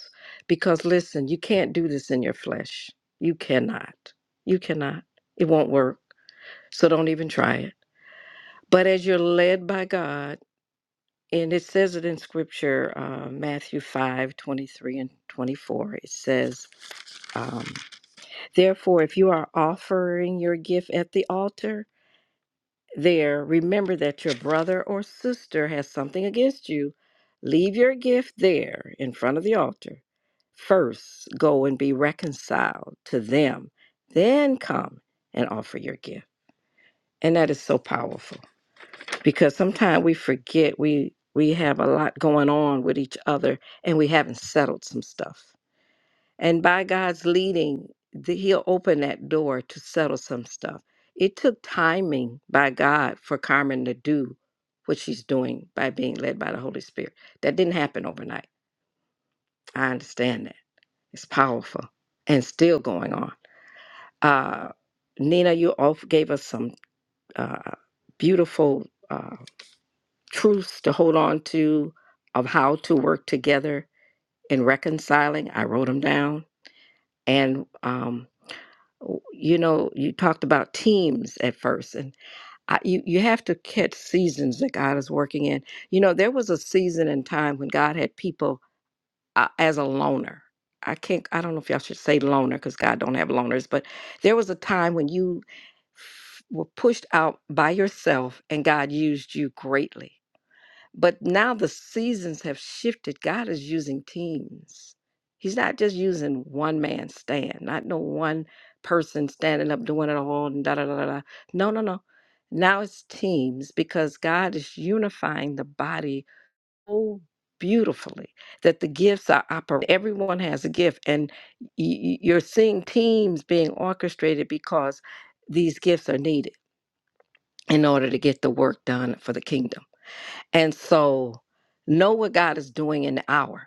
F: Because listen, you can't do this in your flesh. You cannot. You cannot. It won't work. So don't even try it. But as you're led by God, and it says it in Scripture, uh, Matthew 5 23 and 24, it says, um, Therefore, if you are offering your gift at the altar, there, remember that your brother or sister has something against you. Leave your gift there in front of the altar. First, go and be reconciled to them. Then come and offer your gift. And that is so powerful because sometimes we forget we we have a lot going on with each other and we haven't settled some stuff. And by God's leading, the, He'll open that door to settle some stuff. It took timing by God for Carmen to do what she's doing by being led by the Holy Spirit. That didn't happen overnight. I understand that. It's powerful and still going on. Uh, Nina, you all gave us some uh, beautiful uh, truths to hold on to of how to work together in reconciling. I wrote them down. And um, w- you know, you talked about teams at first, and I, you you have to catch seasons that God is working in. You know, there was a season and time when God had people uh, as a loner. I can't. I don't know if y'all should say loner because God don't have loners, but there was a time when you f- were pushed out by yourself, and God used you greatly. But now the seasons have shifted. God is using teams. He's not just using one man stand, not no one person standing up doing it all and da da da da. da. No, no, no. Now it's teams because God is unifying the body so beautifully that the gifts are operating. Everyone has a gift, and y- y- you're seeing teams being orchestrated because these gifts are needed in order to get the work done for the kingdom. And so know what God is doing in the hour.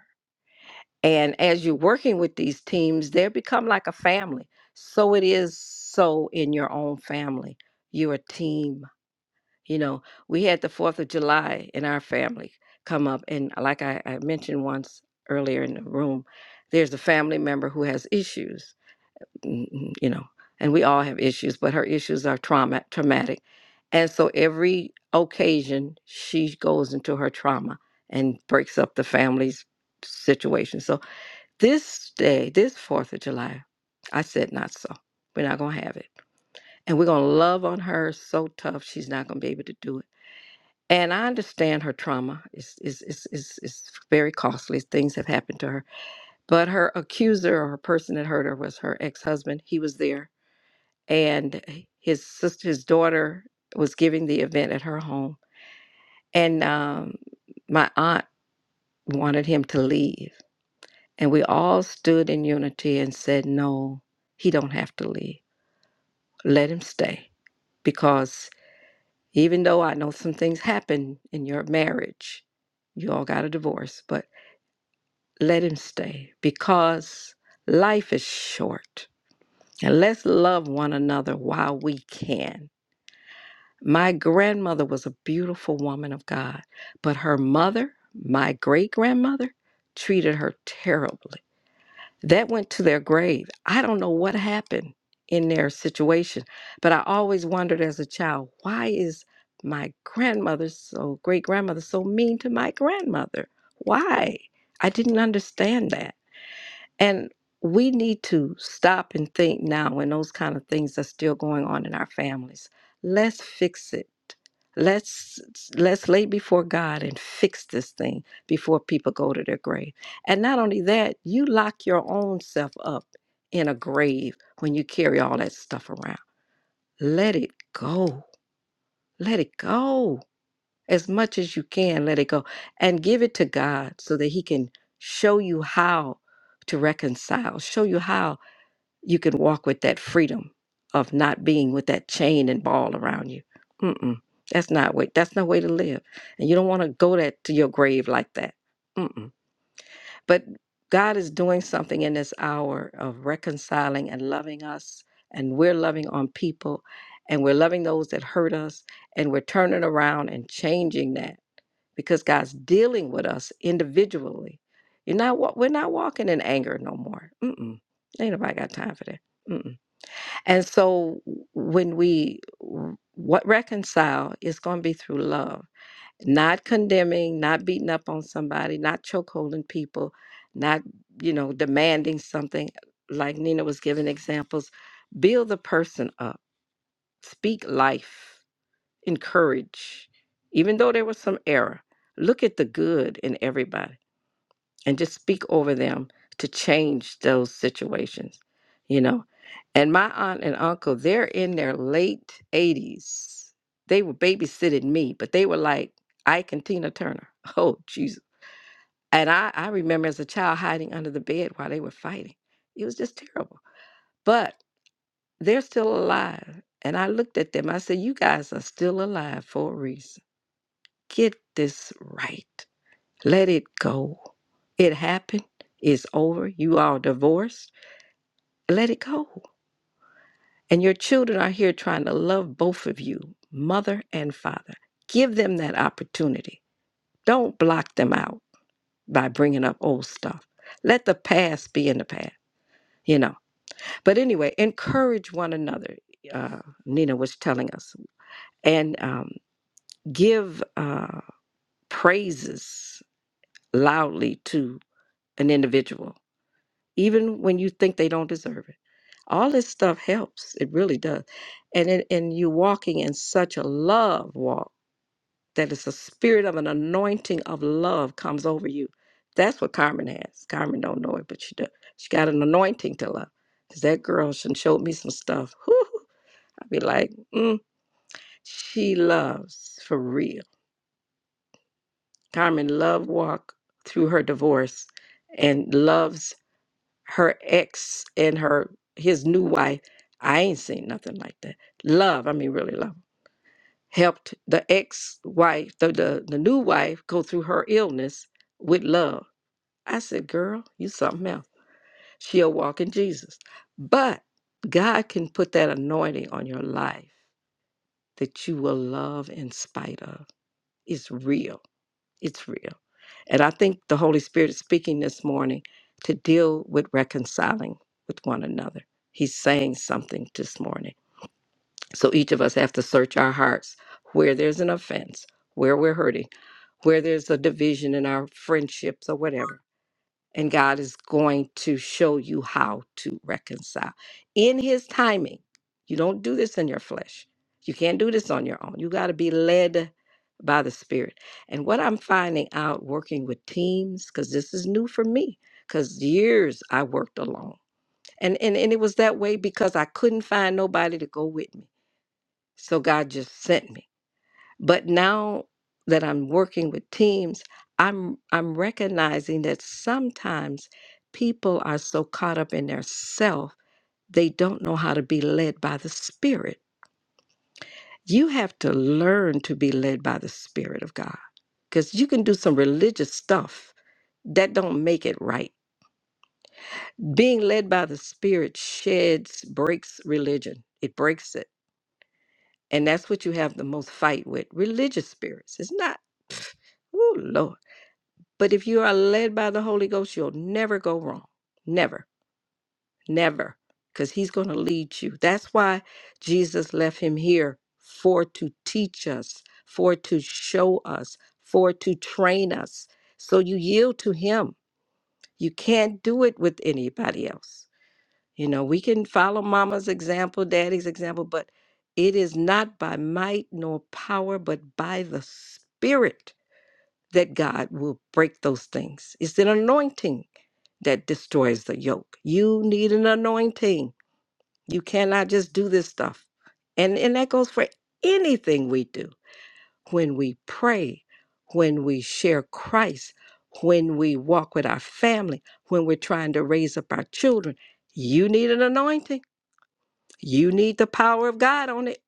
F: And as you're working with these teams, they become like a family. So it is so in your own family. You're a team. You know, we had the 4th of July in our family come up. And like I, I mentioned once earlier in the room, there's a family member who has issues mm, you know, and we all have issues, but her issues are trauma traumatic. And so every occasion she goes into her trauma and breaks up the family's situation. So this day, this Fourth of July, I said not so. We're not gonna have it. And we're gonna love on her so tough she's not gonna be able to do it. And I understand her trauma is is is is, is very costly. Things have happened to her. But her accuser or her person that hurt her was her ex-husband. He was there and his sister, his daughter was giving the event at her home, and um, my aunt wanted him to leave, and we all stood in unity and said, "No, he don't have to leave. Let him stay, because even though I know some things happen in your marriage, you all got a divorce, but let him stay because life is short, and let's love one another while we can." My grandmother was a beautiful woman of God, but her mother, my great grandmother, treated her terribly. That went to their grave. I don't know what happened in their situation, but I always wondered as a child why is my grandmother, so great grandmother, so mean to my grandmother? Why? I didn't understand that. And we need to stop and think now when those kind of things are still going on in our families. Let's fix it. Let's let's lay before God and fix this thing before people go to their grave. And not only that, you lock your own self up in a grave when you carry all that stuff around. Let it go. Let it go. As much as you can, let it go. And give it to God so that He can show you how to reconcile, show you how you can walk with that freedom of not being with that chain and ball around you. Mm-mm. That's not way. That's no way to live, and you don't want to go that to your grave like that. Mm-mm. But God is doing something in this hour of reconciling and loving us, and we're loving on people, and we're loving those that hurt us, and we're turning around and changing that because God's dealing with us individually. You're not. wa- We're not walking in anger no more. Mm-mm. Ain't nobody got time for that. Mm-mm. And so when we r- what reconcile it's going to be through love, not condemning, not beating up on somebody, not chokeholding people, not you know demanding something like Nina was giving examples. Build the person up, speak life, encourage, even though there was some error. Look at the good in everybody and just speak over them to change those situations, you know. And my aunt and uncle, they're in their late 80s. They were babysitting me, but they were like Ike and Tina Turner. Oh, Jesus. And I, I remember as a child hiding under the bed while they were fighting. It was just terrible. But they're still alive. And I looked at them. I said, You guys are still alive for a reason. Get this right. Let it go. It happened. It's over. You are divorced. Let it go. And your children are here trying to love both of you, mother and father. Give them that opportunity. Don't block them out by bringing up old stuff. Let the past be in the past, you know. But anyway, encourage one another. Uh, Nina was telling us, and um, give uh, praises loudly to an individual, even when you think they don't deserve it all this stuff helps it really does and it, and you walking in such a love walk that it's a spirit of an anointing of love comes over you that's what carmen has carmen don't know it but she does she got an anointing to love because that girl she showed me some stuff whew, i'd be like mm, she loves for real carmen love walk through her divorce and loves her ex and her his new wife i ain't seen nothing like that love i mean really love helped the ex-wife the, the the new wife go through her illness with love i said girl you something else she'll walk in jesus but god can put that anointing on your life that you will love in spite of it's real it's real And I think the Holy Spirit is speaking this morning to deal with reconciling with one another. He's saying something this morning. So each of us have to search our hearts where there's an offense, where we're hurting, where there's a division in our friendships or whatever and God is going to show you how to reconcile in His timing. You don't do this in your flesh. You can't do this on your own. You got to be led by the Spirit. And what I'm finding out working with teams, because this is new for me, because years I worked alone. And, and, and it was that way because I couldn't find nobody to go with me. So God just sent me. But now that I'm working with teams, I'm I'm recognizing that sometimes people are so caught up in their self, they don't know how to be led by the spirit. You have to learn to be led by the spirit of God cuz you can do some religious stuff that don't make it right. Being led by the spirit sheds breaks religion. It breaks it. And that's what you have the most fight with. Religious spirits. It's not. Oh Lord. But if you are led by the Holy Ghost, you'll never go wrong. Never, never, because He's going to lead you. That's why Jesus left Him here for to teach us, for to show us, for to train us. So you yield to Him. You can't do it with anybody else. You know, we can follow mama's example, daddy's example, but it is not by might nor power, but by the Spirit that God will break those things. It's an anointing that destroys the yoke. You need an anointing. You cannot just do this stuff. And and that goes for anything we do. When we pray, when we share Christ, when we walk with our family, when we're trying to raise up our children, you need an anointing. You need the power of God on it.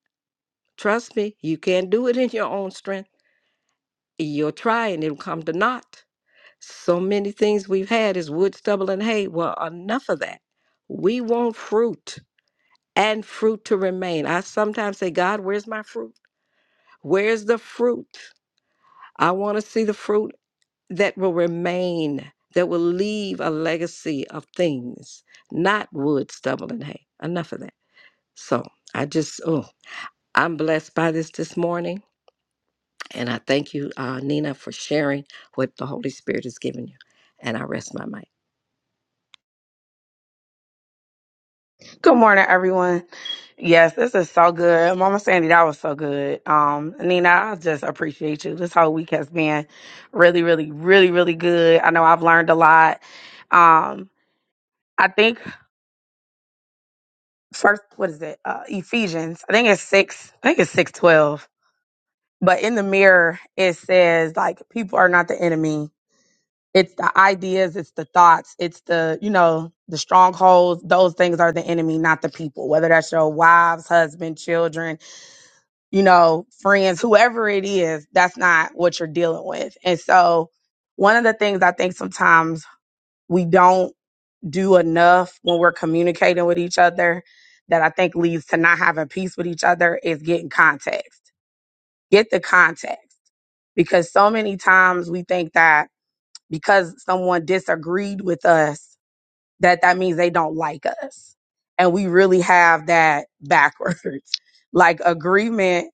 F: Trust me, you can't do it in your own strength. You'll try and it'll come to naught So many things we've had is wood, stubble, and hay. Well, enough of that. We want fruit and fruit to remain. I sometimes say, God, where's my fruit? Where's the fruit? I want to see the fruit that will remain, that will leave a legacy of things, not wood, stubble, and hay. Enough of that. So I just, oh, I'm blessed by this this morning. And I thank you, uh, Nina, for sharing what the Holy Spirit has given you. And I rest my mind.
G: Good morning, everyone. Yes, this is so good. Mama Sandy, that was so good. Um, Nina, I just appreciate you. This whole week has been really, really, really, really good. I know I've learned a lot. Um, I think first, what is it? Uh, Ephesians. I think it's six. I think it's six twelve. But in the mirror, it says like people are not the enemy. It's the ideas, it's the thoughts, it's the you know the strongholds. Those things are the enemy, not the people. Whether that's your wives, husband, children you know, friends, whoever it is, that's not what you're dealing with. And so, one of the things I think sometimes we don't do enough when we're communicating with each other that I think leads to not having peace with each other is getting context. Get the context because so many times we think that because someone disagreed with us that that means they don't like us. And we really have that backwards. like agreement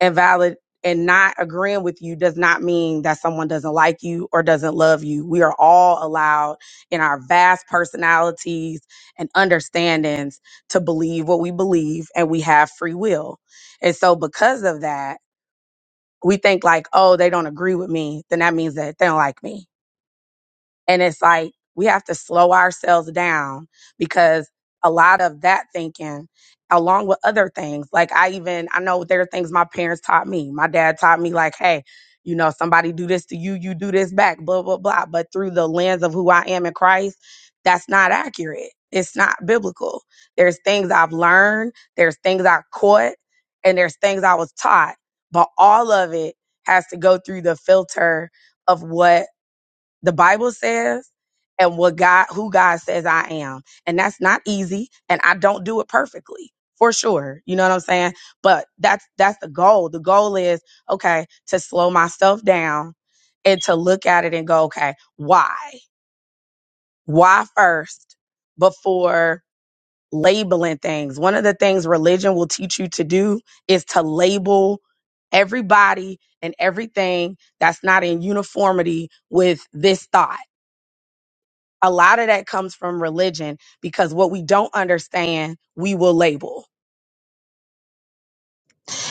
G: and valid and not agreeing with you does not mean that someone doesn't like you or doesn't love you. We are all allowed in our vast personalities and understandings to believe what we believe and we have free will. And so because of that, we think like, oh, they don't agree with me, then that means that they don't like me and it's like we have to slow ourselves down because a lot of that thinking, along with other things, like I even, I know there are things my parents taught me. My dad taught me, like, hey, you know, somebody do this to you, you do this back, blah, blah, blah. But through the lens of who I am in Christ, that's not accurate. It's not biblical. There's things I've learned, there's things I caught, and there's things I was taught. But all of it has to go through the filter of what the Bible says and what God who God says I am. And that's not easy and I don't do it perfectly. For sure. You know what I'm saying? But that's that's the goal. The goal is okay to slow myself down and to look at it and go, okay, why? Why first before labeling things? One of the things religion will teach you to do is to label everybody and everything that's not in uniformity with this thought a lot of that comes from religion because what we don't understand, we will label.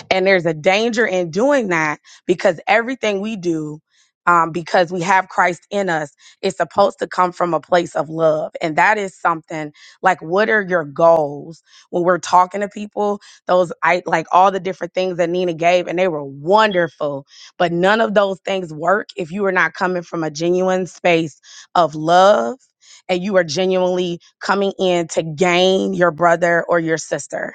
G: And there's a danger in doing that because everything we do, um, because we have Christ in us, is supposed to come from a place of love. And that is something like, what are your goals? When we're talking to people, those, I like all the different things that Nina gave, and they were wonderful. But none of those things work if you are not coming from a genuine space of love and you are genuinely coming in to gain your brother or your sister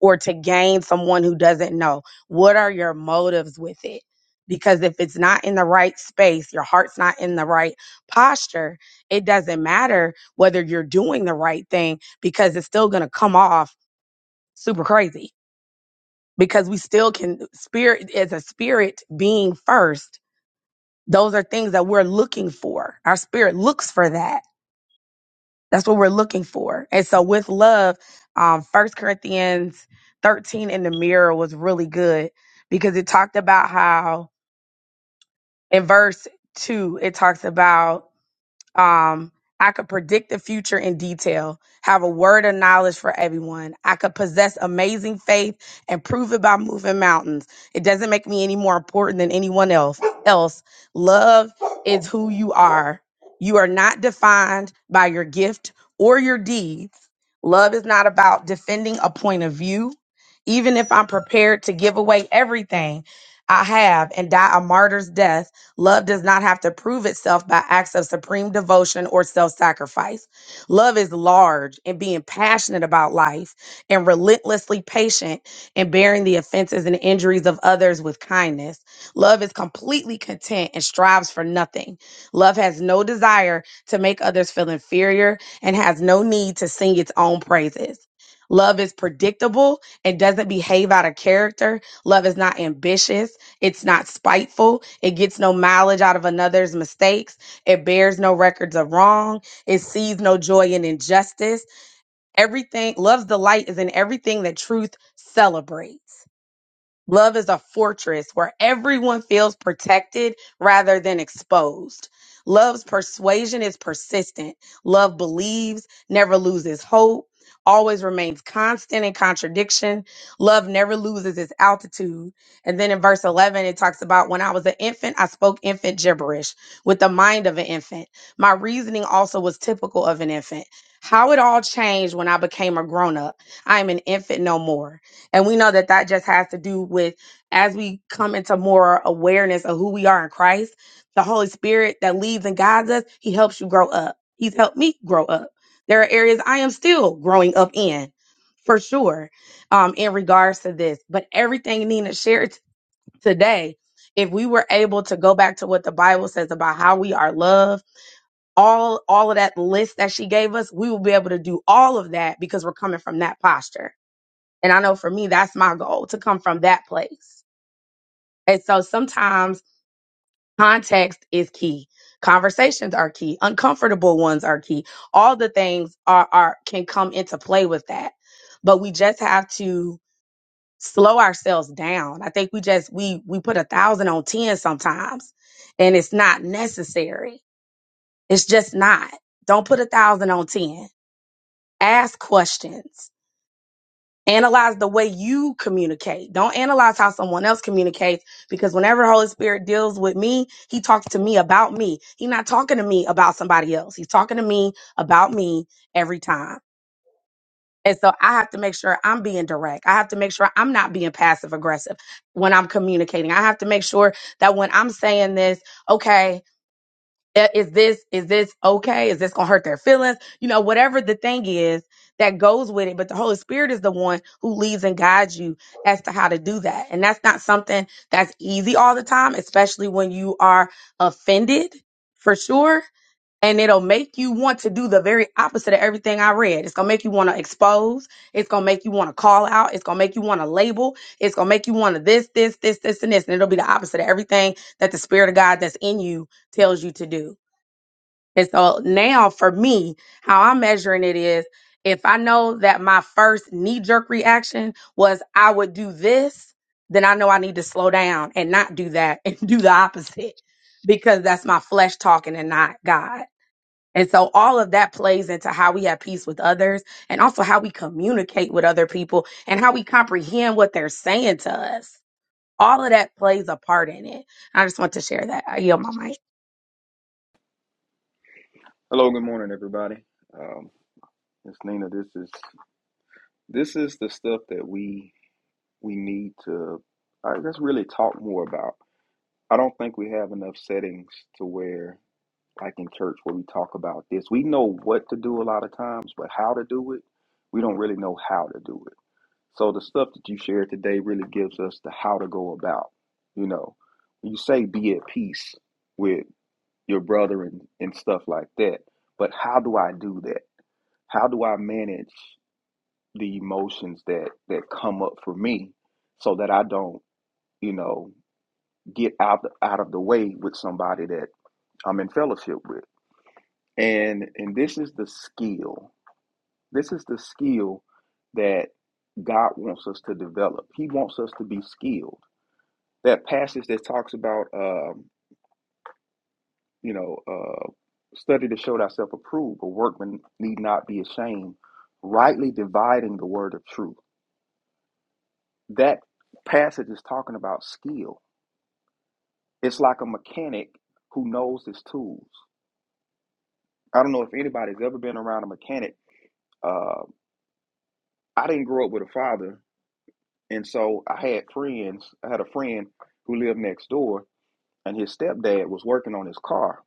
G: or to gain someone who doesn't know? What are your motives with it? Because if it's not in the right space, your heart's not in the right posture, it doesn't matter whether you're doing the right thing because it's still going to come off super crazy. Because we still can, spirit is a spirit being first. Those are things that we're looking for. Our spirit looks for that That's what we're looking for. And so with love, um, 1 Corinthians 13 in the mirror was really good because it talked about how in verse 2, it talks about um, I could predict the future in detail, have a word of knowledge for everyone. I could possess amazing faith and prove it by moving mountains. It doesn't make me any more important than anyone else. Else, love is who you are. You are not defined by your gift or your deeds. Love is not about defending a point of view. Even if I'm prepared to give away everything I have and die a martyr's death, Love does not have to prove itself by acts of supreme devotion or self sacrifice. Love is large in being passionate about life and relentlessly patient in bearing the offenses and injuries of others with kindness. Love is completely content and strives for nothing. Love has no desire to make others feel inferior and has no need to sing its own praises. Love is predictable and doesn't behave out of character. Love is not ambitious. It's not spiteful. It gets no mileage out of another's mistakes. It bears no records of wrong. It sees no joy in injustice. Everything loves the light is in everything that truth celebrates. Love is a fortress where everyone feels protected rather than exposed. Love's persuasion is persistent. Love believes, never loses hope, always remains constant in contradiction. Love never loses its altitude. And then in verse 11, it talks about when I was an infant, I spoke infant gibberish with the mind of an infant. My reasoning also was typical of an infant. How it all changed when I became a grown up. I am an infant no more. And we know that that just has to do with as we come into more awareness of who we are in Christ, the Holy Spirit that leads and guides us, He helps you grow up. He's helped me grow up. There are areas I am still growing up in, for sure, um, in regards to this. But everything Nina shared t- today, if we were able to go back to what the Bible says about how we are loved, all all of that list that she gave us, we will be able to do all of that because we're coming from that posture and I know for me, that's my goal to come from that place. And so sometimes context is key. Conversations are key. Uncomfortable ones are key. All the things are, are can come into play with that. But we just have to slow ourselves down. I think we just we we put a thousand on ten sometimes and it's not necessary. It's just not. Don't put a thousand on ten. Ask questions Analyze the way you communicate. Don't analyze how someone else communicates because whenever Holy Spirit deals with me, he talks to me about me. He's not talking to me about somebody else. He's talking to me about me every time. And so I have to make sure I'm being direct. I have to make sure I'm not being passive aggressive when I'm communicating. I have to make sure that when I'm saying this, okay, uh, Is this is this okay? Is this gonna hurt their feelings? You know, whatever the thing is that goes with it. But the Holy Spirit is the one who leads and guides you as to how to do that. And that's not something that's easy all the time, especially when you are offended for sure. And it'll make you want to do the very opposite of everything I read. It's gonna make you want to expose. It's gonna make you want to call out. It's gonna make you want to label. It's gonna make you want to this, this, this, this, and this. And it'll be the opposite of everything that the Spirit of God that's in you tells you to do. And so now for me, how I'm measuring it is if I know that my first knee jerk reaction was I would do this, then I know I need to slow down and not do that and do the opposite because that's my flesh talking and not God. And so all of that plays into how we have peace with others and also how we communicate with other people and how we comprehend what they're saying to us. All of that plays a part in it. I just want to share that. I yield my mic.
H: Hello, good morning, everybody. Um, Miss Nina, this is this is the stuff that we we need to I guess really talk more about. I don't think we have enough settings to where, like in church, where we talk about this. We know what to do a lot of times, but how to do it, we don't really know how to do it. So the stuff that you shared today really gives us the how to go about. You know, when you say be at peace with your brother and, and stuff like that, but how do I do that? How do I manage the emotions that that come up for me so that I don't, you know, get out out of the way with somebody that I'm in fellowship with. And and this is the skill. This is the skill that God wants us to develop. He wants us to be skilled. That passage that talks about, um, you know, uh, study to show thyself approved, a workman need not be ashamed, rightly dividing the word of truth. that passage is talking about skill. It's like a mechanic who knows his tools. I don't know if anybody's ever been around a mechanic. Uh, I didn't grow up with a father, and so I had friends. I had a friend who lived next door, and his stepdad was working on his car,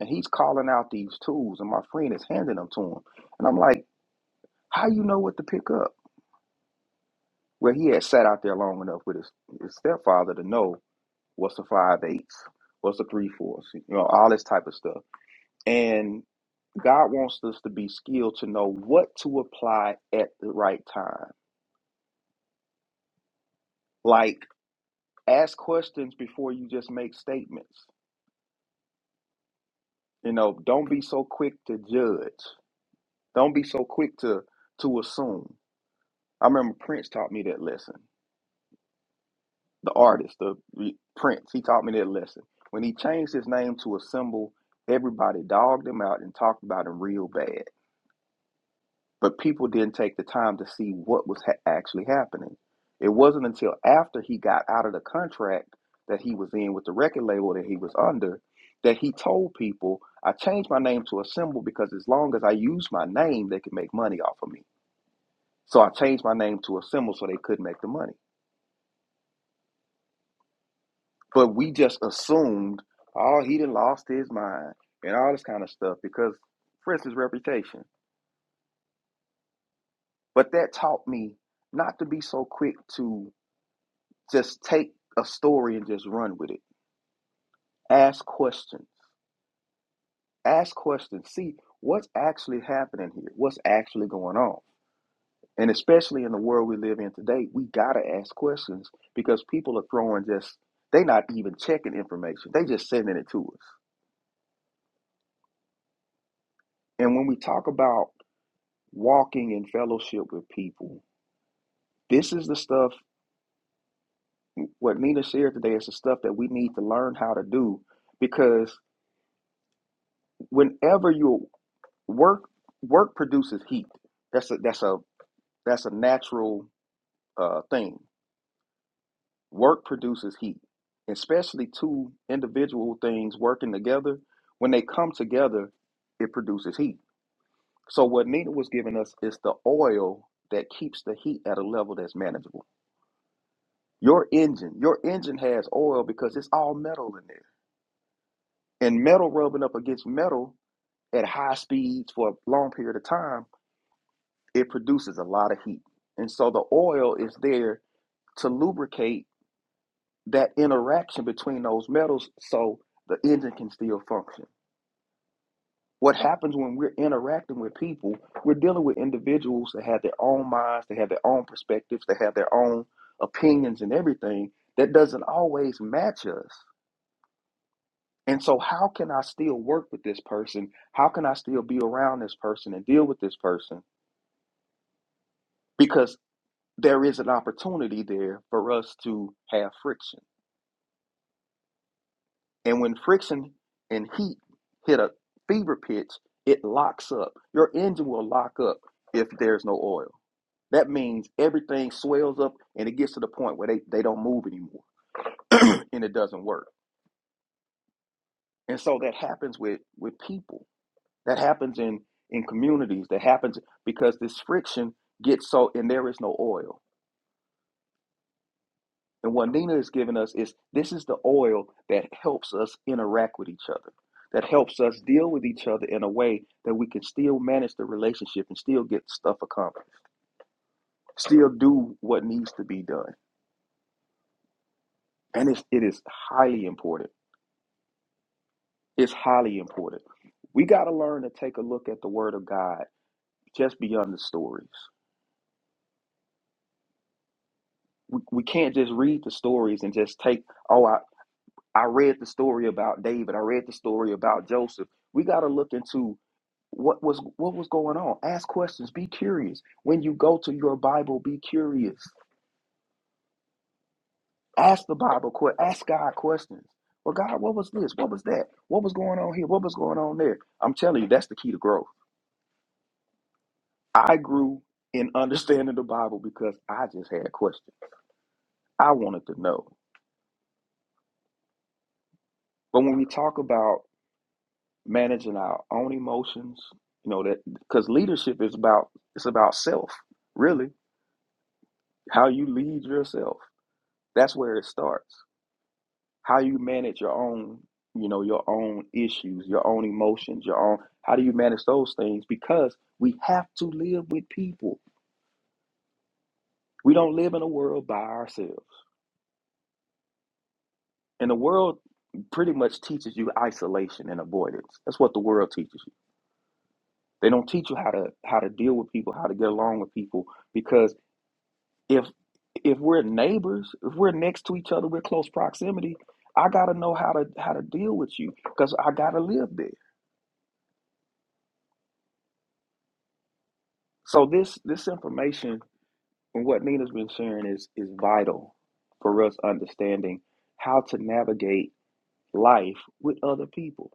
H: and he's calling out these tools, and my friend is handing them to him, and I'm like, "How you know what to pick up?" Well, he had sat out there long enough with his, his stepfather to know what's a five eighths, what's a three fourths, you know, all this type of stuff. And God wants us to be skilled to know what to apply at the right time. Like ask questions before you just make statements. You know, don't be so quick to judge. Don't be so quick to to assume. I remember Prince taught me that lesson. The artist, the the Prince, he taught me that lesson. When he changed his name to a symbol, everybody dogged him out and talked about him real bad. but people didn't take the time to see what was ha- actually happening. It wasn't until after he got out of the contract that he was in with the record label that he was under that he told people, I changed my name to a symbol because as long as I use my name, they can make money off of me. So I changed my name to a symbol so they could not make the money. But we just assumed, oh, he done lost his mind and all this kind of stuff because, for instance, reputation. But that taught me not to be so quick to just take a story and just run with it. Ask questions. Ask questions. See what's actually happening here. What's actually going on. And especially in the world we live in today, we gotta ask questions because people are throwing just they not even checking information. They just sending it to us. And when we talk about walking in fellowship with people, this is the stuff what Nina shared today is the stuff that we need to learn how to do because whenever you work work produces heat. That's a that's a that's a natural uh, thing. Work produces heat, especially two individual things working together. When they come together, it produces heat. So what Nina was giving us is the oil that keeps the heat at a level that's manageable. Your engine, your engine has oil because it's all metal in there, and metal rubbing up against metal at high speeds for a long period of time it produces a lot of heat. And so the oil is there to lubricate that interaction between those metals so the engine can still function. What happens when we're interacting with people, we're dealing with individuals that have their own minds, they have their own perspectives, they have their own opinions and everything that doesn't always match us. And so, how can I still work with this person? How can I still be around this person and deal with this person? Because there is an opportunity there for us to have friction. And when friction and heat hit a fever pitch, it locks up. Your engine will lock up if there's no oil. That means everything swells up and it gets to the point where they, they don't move anymore and it doesn't work. And so that happens with, with people. That happens in, in communities. That happens because this friction gets so, and there is no oil. And what Nina has given us is this is the oil that helps us interact with each other, that helps us deal with each other in a way that we can still manage the relationship and still get stuff accomplished, still do what needs to be done. And it's, it is highly important. It's highly important. We got to learn to take a look at the Word of God just beyond the stories. We, we can't just read the stories and just take, oh, I, I read the story about David. I read the story about Joseph. We got to look into what was what was going on. Ask questions. Be curious. When you go to your Bible, be curious. Ask the Bible. que- Ask God questions. Well, God, what was this? What was that? What was going on here? What was going on there? I'm telling you, that's the key to growth. I grew in understanding the Bible because I just had questions. I wanted to know. But when we talk about managing our own emotions you know that because leadership is about it's about self really how you lead yourself that's where it starts how you manage your own you know your own issues your own emotions your own how do you manage those things because we have to live with people we don't live in a world by ourselves and the world pretty much teaches you isolation and avoidance that's what the world teaches you they don't teach you how to how to deal with people how to get along with people because if if we're neighbors, if we're next to each other, we're close proximity. I gotta know how to how to deal with you because I gotta live there. So this this information and what Nina's been sharing is is vital for us understanding how to navigate life with other people,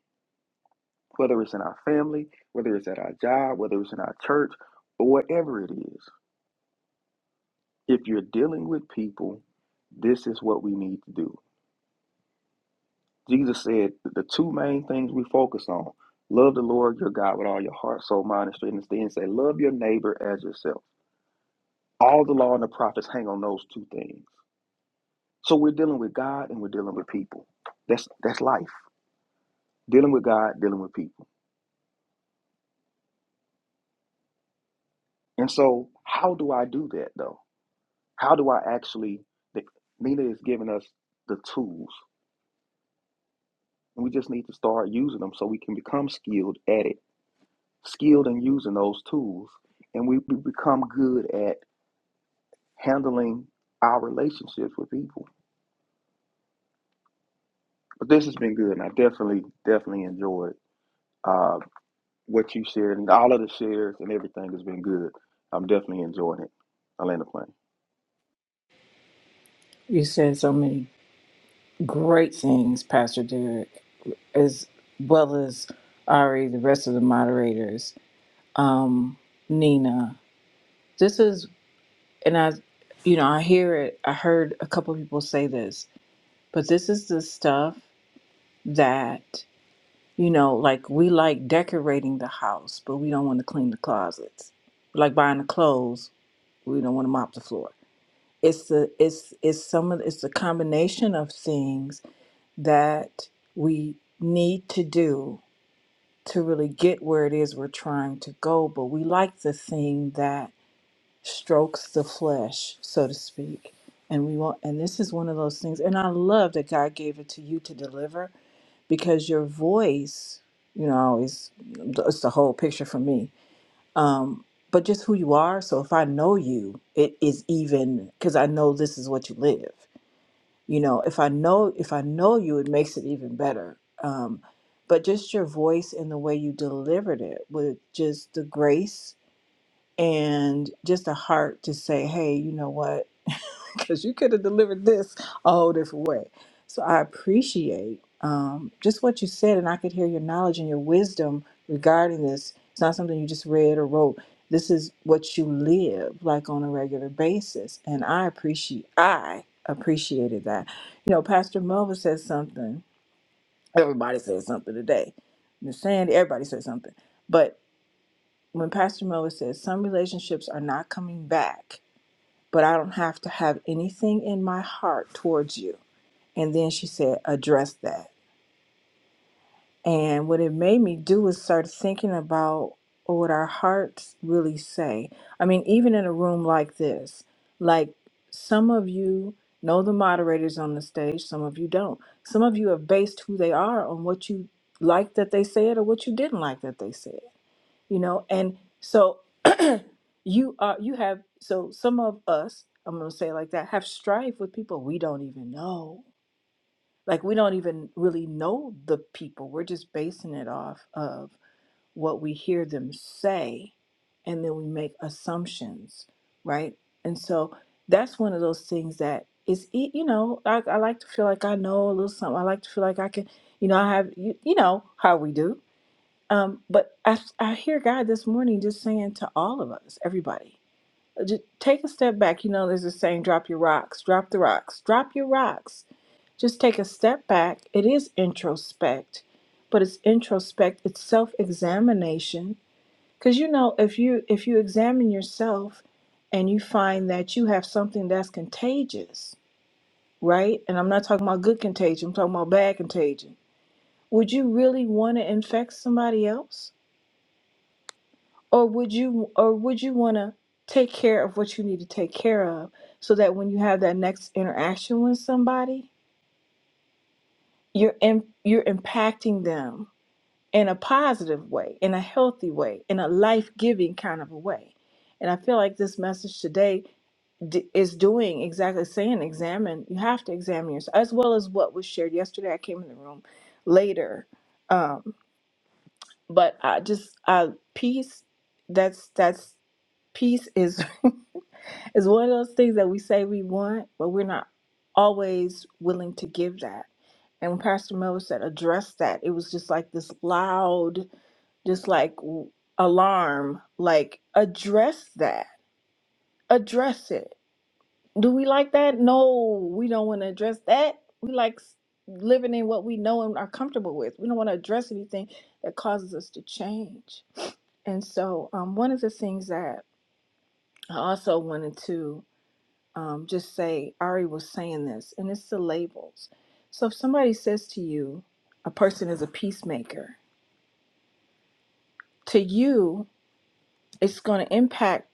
H: whether it's in our family, whether it's at our job, whether it's in our church, or whatever it is. If you're dealing with people, this is what we need to do. Jesus said that the two main things we focus on love the Lord your God with all your heart, soul, mind, and strength. And then say, love your neighbor as yourself. All the law and the prophets hang on those two things. So we're dealing with God and we're dealing with people. That's that's life. Dealing with God, dealing with people. And so, how do I do that though? How do I actually? the- Nina is giving us the tools, and we just need to start using them so we can become skilled at it, skilled in using those tools, and we, we become good at handling our relationships with people. But this has been good, and I definitely, definitely enjoyed uh, what you shared, and all of the shares and everything has been good. I'm definitely enjoying it. I land the plane.
C: You said so many great things, Pastor Derek, as well as Ari, the rest of the moderators, um, Nina. This is, and I, you know, I hear it. I heard a couple of people say this, but this is the stuff that you know don't want to clean the closets, like buying the clothes. We don't want to mop the floor. It's the it's it's some of it's the combination of things that we need to do to really get where it is we're trying to go, but we like the thing that strokes the flesh, so to speak. And we want and this is one of those things and I love that God gave it to you to deliver because your voice, you know, is it's the whole picture for me. Um but just who you are, so if I know you, it is even cuz I know this is what you live you know if i know if i know you it makes it even better um, but just your voice and the way you delivered it with just the grace and just a heart to say hey you know what because you could have delivered this a whole different way. So I appreciate um, just what you said, and I could hear your knowledge and your wisdom regarding this. It's not something you just read or wrote. This is what you live like on a regular basis, and I appreciate I appreciated that. You know, Pastor Melva says something. Everybody says something today. Miss Sandy, everybody says something, but when Pastor Melva says some relationships are not coming back but I don't have to have anything in my heart towards you. And then she said, address that. And what it made me do was start thinking about what our hearts really say. I mean, even in a room like this, like some of you know the moderators on the stage, some of you don't. Some of you have based who they are on what you liked that they said or what you didn't like that they said you know and so you are you have so some of us i'm going to say it like that have strife with people we don't even know like we don't even really know the people we're just basing it off of what we hear them say and then we make assumptions right and so that's one of those things that is e- you know I, I like to feel like i know a little something i like to feel like i can you know i have you, you know how we do um, but I, I hear God this morning just saying to all of us, everybody, just take a step back. You know, there's a saying, drop your rocks, drop the rocks, drop your rocks. Just take a step back. It is introspect, but it's introspect, it's self-examination. Because you know, if you if you examine yourself and you find that you have something that's contagious, right? And I'm not talking about good contagion, I'm talking about bad contagion. Would you really want to infect somebody else? or would you or would you want to take care of what you need to take care of so that when you have that next interaction with somebody you're in, you're impacting them in a positive way in a healthy way in a life-giving kind of a way and i feel like this message today d- is doing exactly saying examine you have to examine yourself as well as what was shared yesterday i came in the room later um but i just I peace that's that's peace is It's one of those things that we say we want, but we're not always willing to give that. And when Pastor Miller said address that, it was just like this loud, just like w- alarm, like address that, address it. Do we like that? No, we don't want to address that. We like s- living in what we know and are comfortable with. We don't want to address anything that causes us to change. And so, um, one of the things that I also wanted to um, just say, Ari was saying this, and it's the labels. So if somebody says to you, a person is a peacemaker, to you, it's going to impact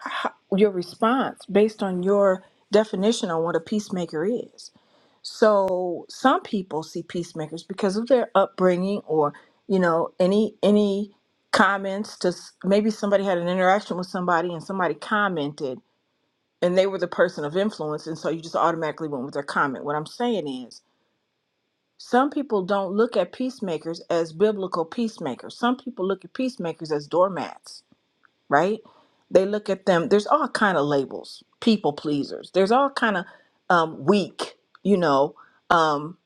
C: ho- your response based on your definition on what a peacemaker is. So some people see peacemakers because of their upbringing or, you know, any, any, comments to s- maybe somebody had an interaction with somebody and somebody commented and they were the person of influence and so you just automatically went with their comment what i'm saying is some people don't look at peacemakers as biblical peacemakers some people look at peacemakers as doormats right they look at them there's all kind of labels people pleasers there's all kind of um, weak you know um,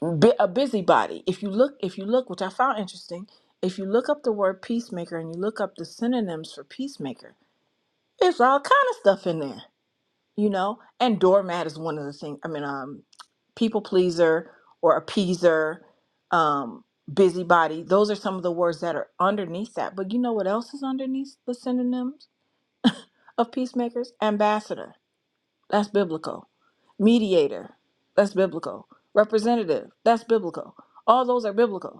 C: bu- a busybody if you look if you look which i found interesting if you look up the word peacemaker and you look up the synonyms for peacemaker it's all kind of stuff in there you know and doormat is one of the things i mean um people pleaser or appeaser um busybody those are some of the words that are underneath that but you know what else is underneath the synonyms of peacemakers ambassador that's biblical mediator that's biblical representative that's biblical all those are biblical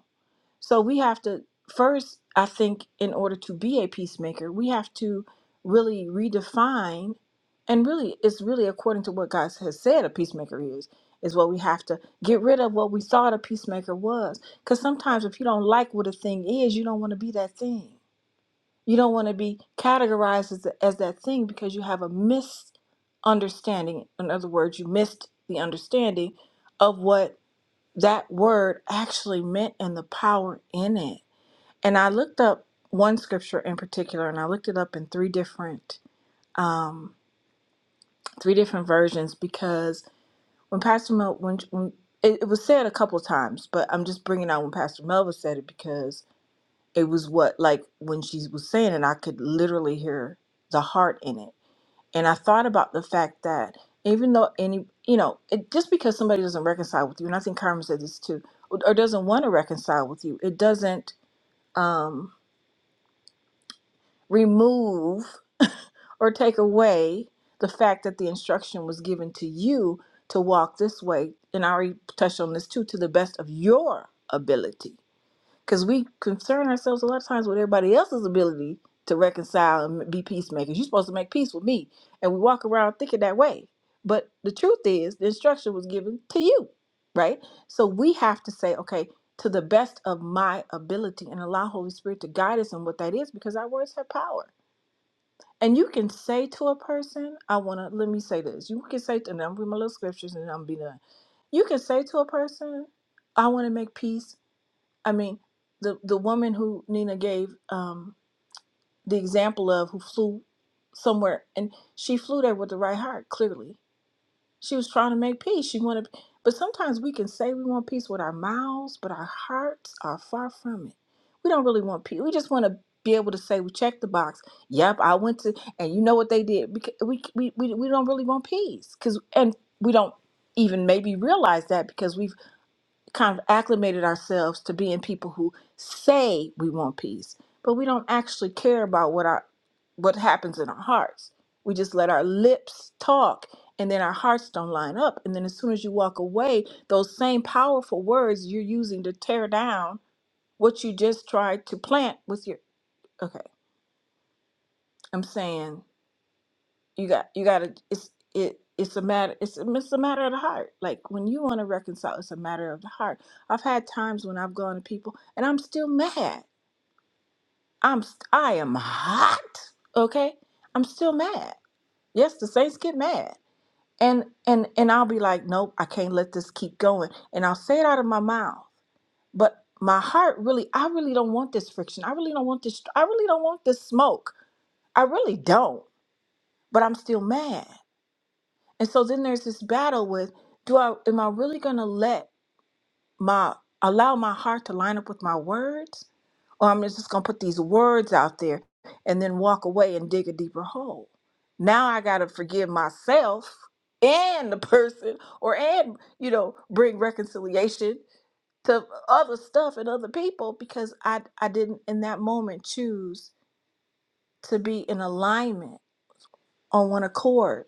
C: so we have to first, I think, in order to be a peacemaker, we have to really redefine and really it's really according to what God has said a peacemaker is is what we have to get rid of what we thought a peacemaker was because sometimes if you don't like what a thing is you don't want to be that thing you don't want to be categorized as, as that thing because you have a misunderstanding in other words you missed the understanding of what that word actually meant and the power in it and I looked up one scripture in particular, and I looked it up in three different um, three different versions because when Pastor Mel, when, when it, it was said a couple times, but I'm just bringing out when Pastor Melva said it because it was what like when she was saying it, I could literally hear the heart in it, and I thought about the fact that even though any you know it, just because somebody doesn't reconcile with you, and I think Carmen said this too, or or doesn't want to reconcile with you, it doesn't um, remove or take away the fact that the instruction was given to you to walk this way. And I already touched on this too, to the best of your ability. Because we concern ourselves a lot of times with everybody else's ability to reconcile and be peacemakers. You're supposed to make peace with me. And we walk around thinking that way. But the truth is, the instruction was given to you, right? So we have to say, okay, to the best of my ability and allow Holy Spirit to guide us in what that is because our words have power and you can say to a person, I want to, let me say this. You can say, to, and I'm reading my little scriptures and I'm be done. You can say to a person, I want to make peace. I mean, the, the woman who Nina gave um, the example of who flew somewhere and she flew there with the right heart, clearly. She was trying to make peace. She wanted, but sometimes we can say we want peace with our mouths, but our hearts are far from it. We don't really want peace. We just want to be able to say we checked the box. Yep, I went to, and you know what they did. Because we we we, we don't really want peace because, and we don't even maybe realize that because we kind of acclimated ourselves to being people who say we want peace, but we don't actually care about what our what happens in our hearts. We just let our lips talk and then our hearts don't line up. And then as soon as you walk away, those same powerful words you're using to tear down what you just tried to plant with your okay. I'm saying you got you got to it's it it's a matter it's a, it's a matter of the heart like when you want to reconcile it's a matter of the heart i've had times when i've gone to people and i'm still mad i'm st- i am hot okay i'm still mad yes the saints get mad and and and i'll be like nope i can't let this keep going and i'll say it out of my mouth but my heart really i really don't want this friction i really don't want this i really don't want this smoke i really don't but i'm still mad And so then there's this battle with do I am I really gonna let my allow my heart to line up with my words? Or I'm just gonna put these words out there and then walk away and dig a deeper hole. Now I gotta forgive myself and the person or and you know bring reconciliation to other stuff and other people because I I didn't in that moment choose to be in alignment on one accord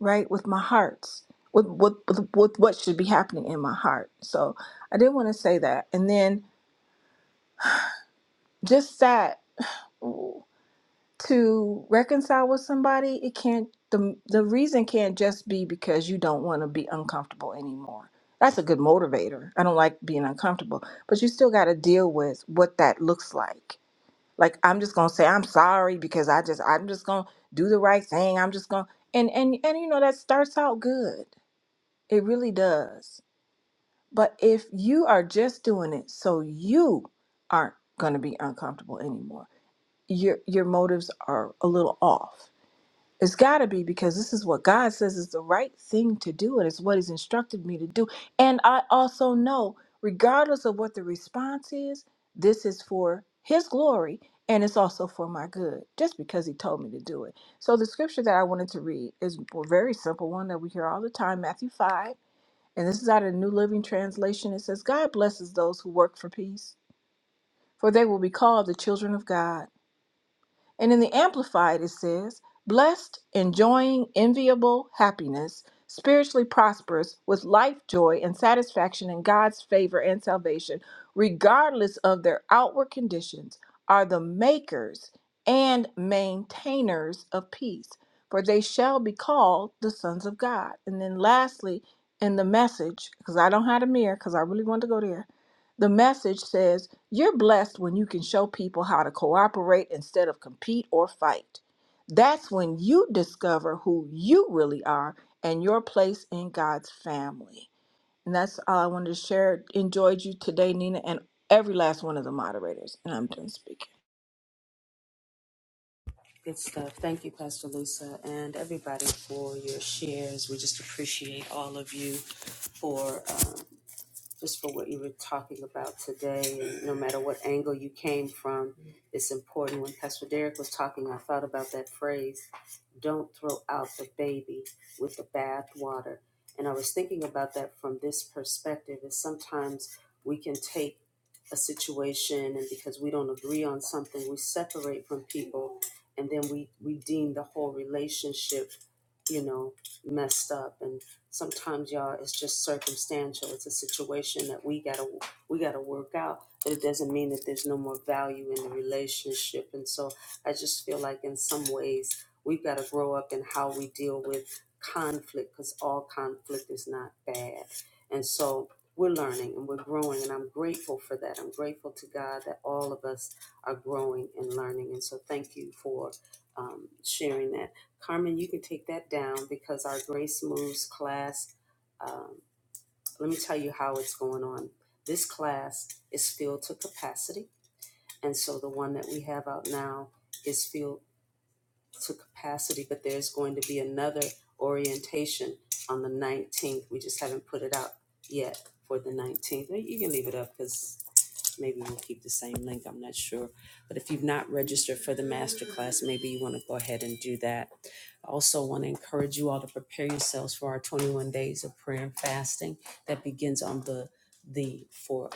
C: right with my hearts with with, with with what should be happening in my heart so i did want to say that and then just that ooh, to reconcile with somebody it can't the, the reason can't just be because you don't want to be uncomfortable anymore that's a good motivator i don't like being uncomfortable but you still got to deal with what that looks like like i'm just gonna say i'm sorry because i just i'm just gonna do the right thing i'm just gonna and and and you know that starts out good it really does But if you are just doing it so you aren't going to be uncomfortable anymore, your your motives are a little off. It's got to be because this is what God says is the right thing to do and it's what he's instructed me to do. And I also know regardless of what the response is, this is for his glory and it's also for my good just because he told me to do it. So the scripture that I wanted to read is a very simple one that we hear all the time, Matthew 5 and this is out of the New Living Translation. It says, God blesses those who work for peace, for they will be called the children of God. And in the Amplified, it says, blessed, enjoying enviable happiness, spiritually prosperous, with life joy and satisfaction in God's favor and salvation, regardless of their outward conditions, are the makers and maintainers of peace, for they shall be called the sons of God. And then lastly, in the message, because I don't have a mirror, because I really want to go there the message says, You're blessed when you can show people how to cooperate instead of compete or fight. That's when you discover who you really are and your place in God's family. And that's all I wanted to share. Enjoyed you today, Nina, and every last one of the moderators. And I'm done speaking.
A: Good stuff. Thank you, Pastor Lisa, and everybody for your shares. We just appreciate all of you for. um, just for what you were talking about today. And no matter what angle you came from, it's important. When Pastor Derek was talking, I thought about that phrase don't throw out the baby with the bathwater," And I was thinking about that from this perspective is sometimes we can take a situation and because we don't agree on something, we separate from people and then we, we deem the whole relationship, you know, messed up and sometimes y'all it's just circumstantial it's a situation that we gotta we gotta work out but it doesn't mean that there's no more value in the relationship and so i just feel like in some ways we've got to grow up in how we deal with conflict because all conflict is not bad and so we're learning and we're growing and i'm grateful for that i'm grateful to god that all of us are growing and learning and so thank you for um, sharing that Carmen, you can take that down because our Grace Moves class, um, let me tell you how it's going on. This class is filled to capacity. And so the one that we have out now is filled to capacity, but there's going to be another orientation on the 19th. We just haven't put it out yet for the 19th. You can leave it up because maybe we'll keep the same link. I'm not sure. But if you've not registered for the master class, maybe you want to go ahead and do that I also want to encourage you all to prepare yourselves for our 21 days of prayer and fasting that begins on the the for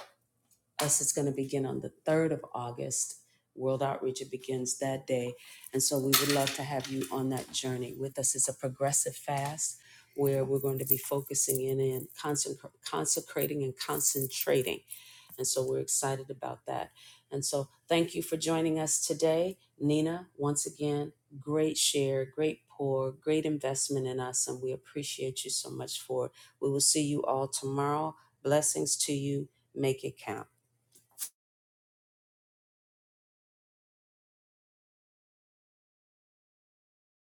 A: us it's going to begin on the 3rd of August. World Outreach it begins that day. And so we would love to have you on that journey with us. It's a progressive fast where we're going to be focusing in and consec- consecrating and concentrating and so we're excited about that. And so thank you for joining us today. Nina, once again, great share, great pour, great investment in us. And we appreciate you so much for it. We will see you all tomorrow. Blessings to you. Make it count.